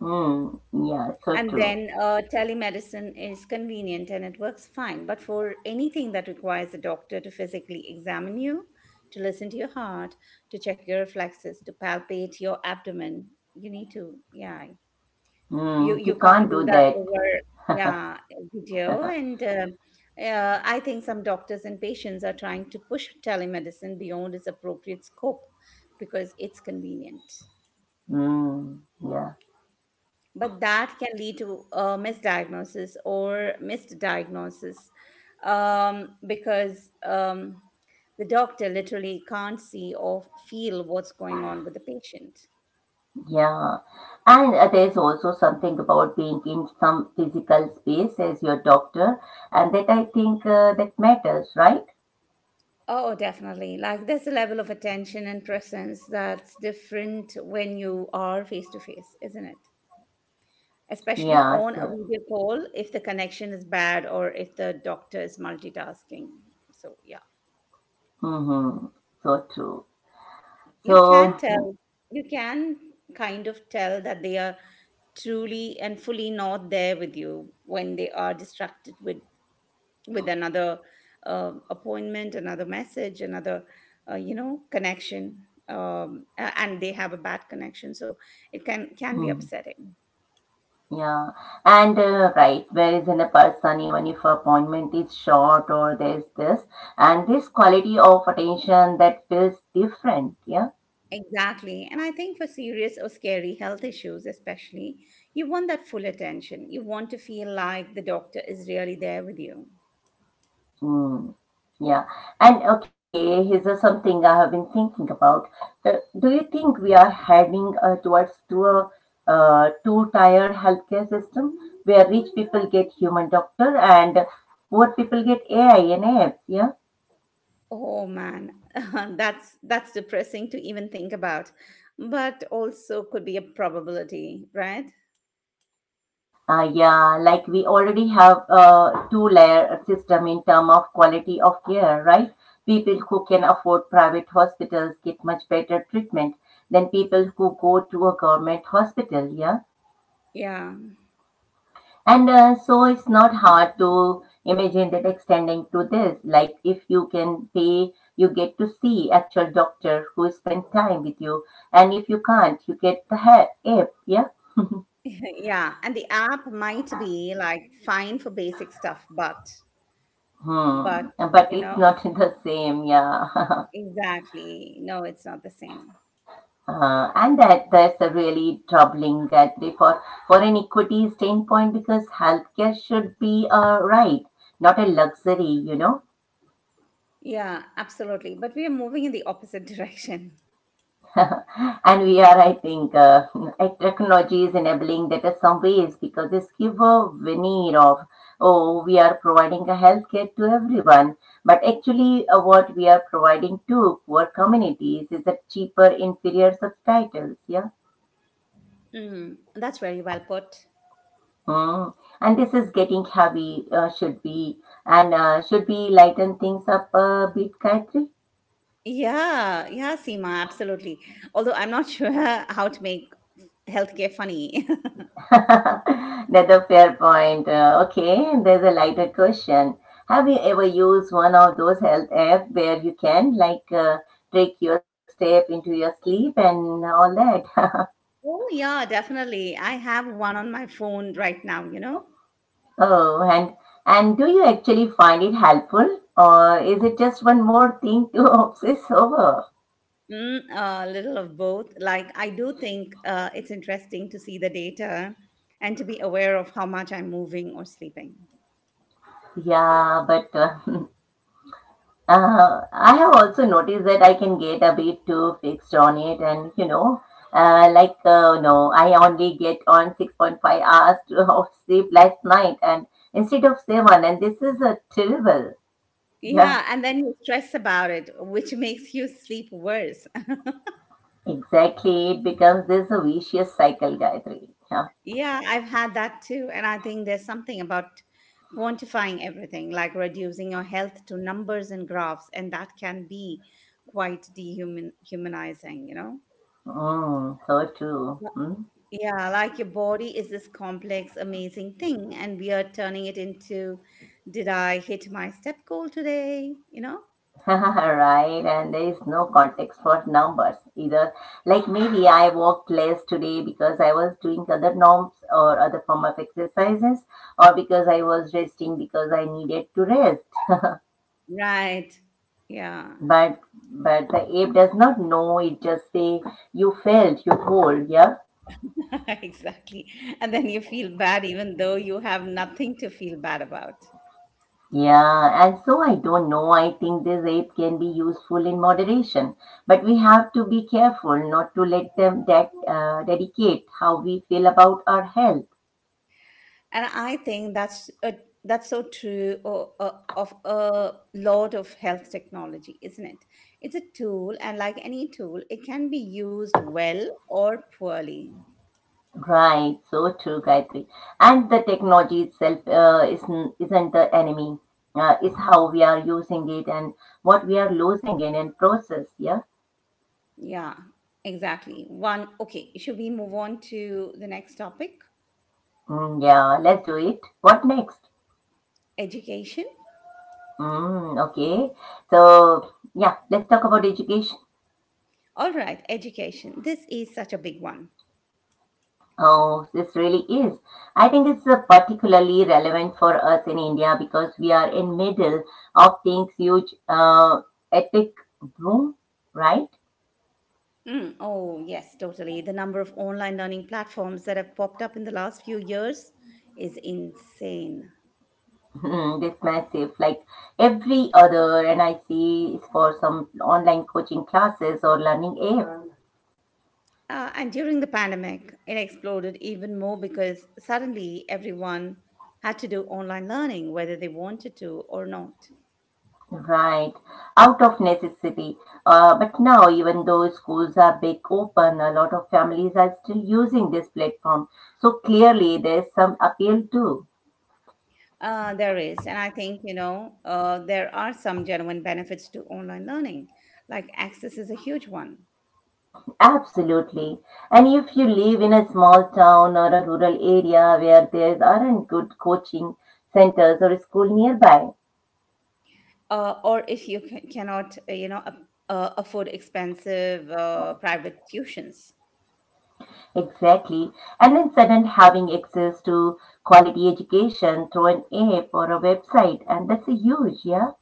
[SPEAKER 2] mm, yeah, so
[SPEAKER 1] And
[SPEAKER 2] true.
[SPEAKER 1] then telemedicine is convenient and it works fine. But for anything that requires a doctor to physically examine you, to listen to your heart, to check your reflexes, to palpate your abdomen, you need to, yeah, you
[SPEAKER 2] Mm, you
[SPEAKER 1] you can't
[SPEAKER 2] can't
[SPEAKER 1] do
[SPEAKER 2] do
[SPEAKER 1] that
[SPEAKER 2] that.
[SPEAKER 1] over yeah video and I think some doctors and patients are trying to push telemedicine beyond its appropriate scope because it's convenient,
[SPEAKER 2] Mm, yeah.
[SPEAKER 1] but that can lead to a misdiagnosis or missed diagnosis because the doctor literally can't see or feel what's going on with the patient.
[SPEAKER 2] Yeah. And there's also something about being in some physical space as your doctor, and that I think that matters, right?
[SPEAKER 1] Oh, definitely. Like there's a level of attention and presence that's different when you are face to face, isn't it? Especially
[SPEAKER 2] Yeah,
[SPEAKER 1] on a
[SPEAKER 2] so,
[SPEAKER 1] video call if the connection is bad or if the doctor is multitasking. So, yeah.
[SPEAKER 2] mm-hmm, so true.
[SPEAKER 1] You can tell,
[SPEAKER 2] So,
[SPEAKER 1] you can kind of tell that they are truly and fully not there with you when they are distracted with another appointment, another message, another, you know, connection. And they have a bad connection, so it can be
[SPEAKER 2] mm,
[SPEAKER 1] upsetting.
[SPEAKER 2] yeah, and right, where is in a person, even if appointment is short or there's this, and this quality of attention that feels different, yeah.
[SPEAKER 1] Exactly. And I think for serious or scary health issues, especially, you want that full attention. You want to feel like the doctor is really there with you.
[SPEAKER 2] Mm, yeah. And okay, here's something I have been thinking about. Do you think we are heading towards to a two-tier healthcare system where rich people get human doctor and poor people get AI and AF? Yeah.
[SPEAKER 1] Oh man, <laughs> that's depressing to even think about, but also could be a probability, right?
[SPEAKER 2] Yeah, like we already have a two-layer system in term of quality of care, right? People who can afford private hospitals get much better treatment than people who go to a government hospital, yeah?
[SPEAKER 1] Yeah.
[SPEAKER 2] And so it's not hard to imagine that extending to this, like if you can pay, you get to see actual doctor who spend time with you, and if you can't, you get the app. Yeah.
[SPEAKER 1] <laughs> Yeah, and the app might be like fine for basic stuff,
[SPEAKER 2] Hmm.
[SPEAKER 1] but
[SPEAKER 2] But
[SPEAKER 1] you
[SPEAKER 2] it's
[SPEAKER 1] know, it's
[SPEAKER 2] not <laughs> the same. Yeah. <laughs>
[SPEAKER 1] exactly no, it's not the same.
[SPEAKER 2] And that's a really troubling actually for an equity standpoint because healthcare should be a right, not a luxury. You know.
[SPEAKER 1] Yeah, absolutely. But we are moving in the opposite <laughs> direction.
[SPEAKER 2] <laughs> And we are, I think, <laughs> technology is enabling that in some ways because this give a veneer of, oh, we are providing a healthcare to everyone. But actually, what we are providing to poor communities is a cheaper, inferior subtitles. Yeah.
[SPEAKER 1] Mm, that's very well put.
[SPEAKER 2] Mm. And this is getting heavy, should be lighten things up a bit, Gayatri.
[SPEAKER 1] Yeah, yeah, Seema, absolutely. Although I'm not sure <laughs> how to make healthcare funny. <laughs>
[SPEAKER 2] <laughs> That's a fair point. Okay, there's a lighter question. Have you ever used one of those health apps where you can like trick your step into your sleep and all that? <laughs>
[SPEAKER 1] Oh yeah, definitely. I have one on my phone right now, you know.
[SPEAKER 2] Oh, and do you actually find it helpful, or is it just one more thing to <laughs> obsess over?
[SPEAKER 1] Mm, a little of both. Like, I do think it's interesting to see the data and to be aware of how much I'm moving or sleeping.
[SPEAKER 2] Yeah, but <laughs> I have also noticed that I can get a bit too fixed on it, and you know, no, I only get on 6.5 hours <laughs> of sleep last night, and instead of seven, and this is a terrible. Yeah,
[SPEAKER 1] Yeah, and then you stress about it, which <laughs> makes you sleep worse. <laughs>
[SPEAKER 2] exactly. It becomes this a vicious cycle, Gayatri. Yeah,
[SPEAKER 1] Yeah, I've had that too. And I think there's something about quantifying everything, like reducing your health to numbers and graphs, and that can be quite dehuman humanizing, you know?
[SPEAKER 2] mm, so true. Hmm?
[SPEAKER 1] Yeah, like your body is this complex, amazing thing, and we are turning it into, did I hit my step goal today? You know?
[SPEAKER 2] <laughs> Right, and there is no context for numbers either. Like maybe I walked less today because I was doing other norms or other form of exercises, or because I was resting because I needed to rest.
[SPEAKER 1] Right. Yeah,
[SPEAKER 2] But but the ape does not know. It just say you felt you whole, yeah.
[SPEAKER 1] <laughs> exactly. And then you feel bad even though you have nothing to feel bad about.
[SPEAKER 2] Yeah, and so I don't know. I think this ape can be useful in moderation, but we have to be careful not to let them that dedicate how we feel about our health.
[SPEAKER 1] And I think that's so true of a lot of health technology, isn't it? It's a tool, and like any tool, it can be used well or poorly.
[SPEAKER 2] Right, so true, Gayatri. And the technology itself isn't the enemy. It's how we are using it and what we are losing in and process. Yeah,
[SPEAKER 1] Yeah, exactly. One, okay, should we move on to the next topic?
[SPEAKER 2] mm, yeah. Let's do it. What next?
[SPEAKER 1] Education.
[SPEAKER 2] Mm, okay. So yeah, let's talk about education.
[SPEAKER 1] All right, education. This is such a big one.
[SPEAKER 2] Oh, this really is. I think it's particularly relevant for us in India because we are in middle of things huge epic boom, right?
[SPEAKER 1] Mm, oh, yes, totally. The number of online learning platforms that have popped up in the last few years is insane.
[SPEAKER 2] <laughs> Hmm, that's massive. Like every other NIC is for some online coaching classes or learning app.
[SPEAKER 1] And during the pandemic, it exploded even more because suddenly everyone had to do online learning, whether they wanted to or not.
[SPEAKER 2] Right. Out of necessity. But now, even though schools are big open, a lot of families are still using this platform. So clearly, there's some appeal too.
[SPEAKER 1] There is, and I think, you know, there are some genuine benefits to online learning, like access is a huge one.
[SPEAKER 2] Absolutely. And if you live in a small town or a rural area where there aren't good coaching centers or school nearby,
[SPEAKER 1] Or if you cannot, you know, afford expensive private tuitions.
[SPEAKER 2] exactly. And then sudden having access to quality education through an app or a website, and that's a huge, yeah?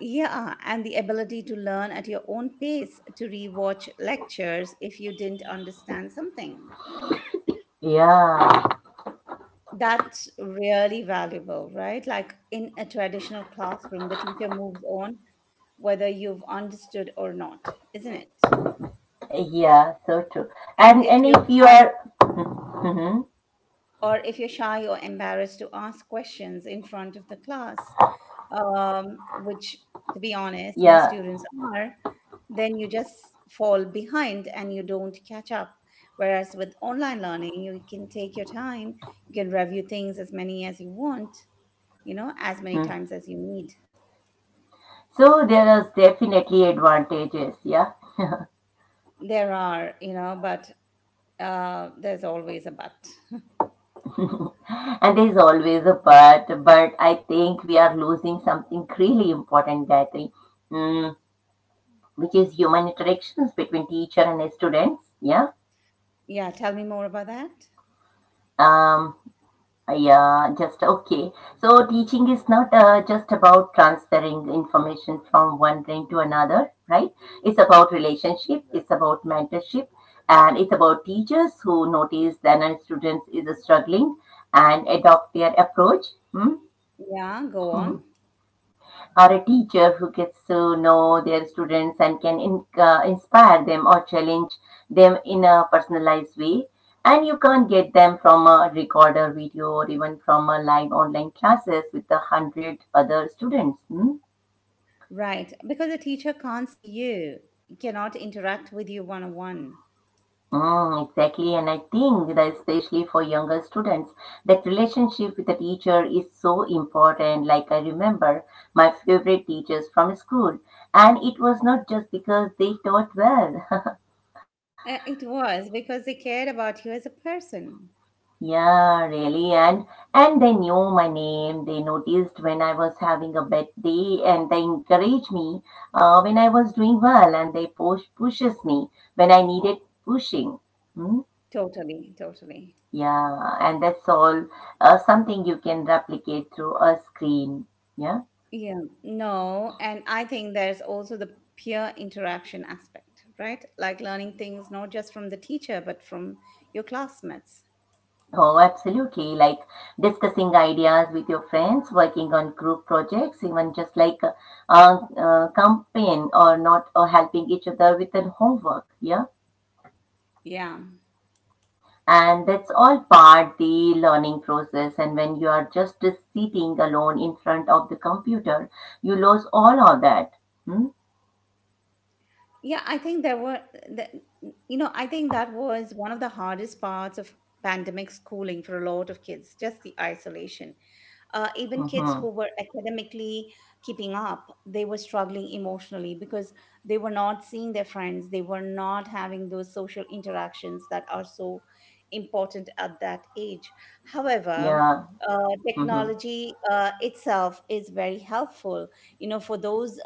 [SPEAKER 1] Yeah, and the ability to learn at your own pace, to rewatch lectures if you didn't understand something.
[SPEAKER 2] Yeah,
[SPEAKER 1] That's really valuable, right? Like in a traditional classroom, the teacher moves on whether you've understood or not, isn't it?
[SPEAKER 2] yeah, so true.
[SPEAKER 1] And
[SPEAKER 2] And if you are, hmm
[SPEAKER 1] if you're shy or embarrassed to ask questions in front of the class, which to be honest, most
[SPEAKER 2] yeah,
[SPEAKER 1] students are, then you just fall behind and you don't catch up. Whereas with online learning, you can take your time, you can review things as many as you want, you know, as many
[SPEAKER 2] mm.
[SPEAKER 1] times as you need.
[SPEAKER 2] So there is definitely advantages, yeah.
[SPEAKER 1] There are, you know, but there's always a but. <laughs>
[SPEAKER 2] <laughs> And there's always a but I think we are losing something really important, Gayatri, mm, which is human interactions between teacher and students, yeah.
[SPEAKER 1] Yeah, tell me more about that.
[SPEAKER 2] Um, Yeah, just okay. So teaching is not just about transferring information from one brain to another, right? It's about relationship, it's about mentorship, and it's about teachers who notice that a student is struggling and adopt their approach. Hmm?
[SPEAKER 1] Yeah, go on.
[SPEAKER 2] <laughs> Are a teacher who gets to know their students and can inspire them or challenge them in a personalized way. And you can't get them from a record video or even from a live online classes with a hundred other students. Hmm?
[SPEAKER 1] Right, because the teacher can't see you, cannot interact with you one on one.
[SPEAKER 2] Mm, exactly, and I think that especially for younger students, that relationship with the teacher is so important. Like I remember my favorite teachers from school, and it was not just because they taught well. <laughs>
[SPEAKER 1] It was because they cared about you as a person.
[SPEAKER 2] Yeah, really. And they knew my name. They noticed when I was having a bad day, and they encouraged me when I was doing well, and they pushes me when I needed pushing. Hmm?
[SPEAKER 1] Totally, totally.
[SPEAKER 2] Yeah, and that's all something you can replicate through a screen. Yeah.
[SPEAKER 1] Yeah, no, and I think there's also the peer interaction aspect, right? Like learning things not just from the teacher, but from your classmates.
[SPEAKER 2] Oh, absolutely. Like discussing ideas with your friends, working on group projects, even just like a, a campaign or not, or helping each other with their homework. Yeah.
[SPEAKER 1] Yeah.
[SPEAKER 2] And that's all part the learning process and when you are just sitting alone in front of the computer you lose all of that. Hmm?
[SPEAKER 1] Yeah, I think there were, the, you know, I think that was one of the hardest parts of pandemic schooling for a lot of kids, just the isolation. Even kids
[SPEAKER 2] Hmm
[SPEAKER 1] who were academically keeping up, they were struggling emotionally because they were not seeing their friends. They were not having those social interactions that are so important at that age. However,
[SPEAKER 2] yeah.
[SPEAKER 1] uh,
[SPEAKER 2] Hmm
[SPEAKER 1] technology itself is very helpful, you know, for those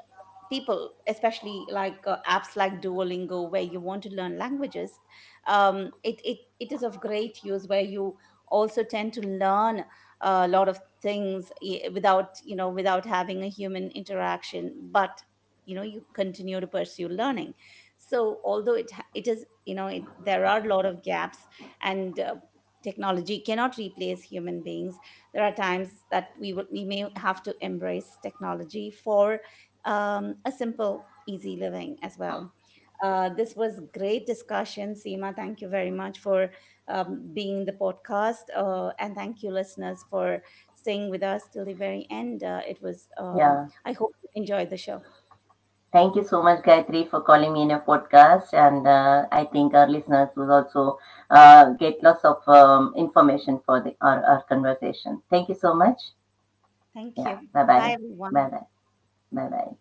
[SPEAKER 1] people, especially like apps like Duolingo where you want to learn languages. It is of great use where you also tend to learn a lot of things without, you know, without having a human interaction, but you know you continue to pursue learning. So although it is, you know, there are a lot of gaps and technology cannot replace human beings. There are times that we may have to embrace technology for a simple, easy living as well. This was great discussion, Seema. Thank you very much for being the podcast, and thank you, listeners, for staying with us till the very end. It was.
[SPEAKER 2] yeah.
[SPEAKER 1] I hope you enjoyed the show.
[SPEAKER 2] Thank you so much Gayatri for calling me in your podcast and I think our listeners will also get lots of information for our conversation. Thank you so much.
[SPEAKER 1] Thank
[SPEAKER 2] Yeah,
[SPEAKER 1] you.
[SPEAKER 2] bye
[SPEAKER 1] Bye,
[SPEAKER 2] bye.
[SPEAKER 1] everyone.
[SPEAKER 2] Bye bye. Bye bye.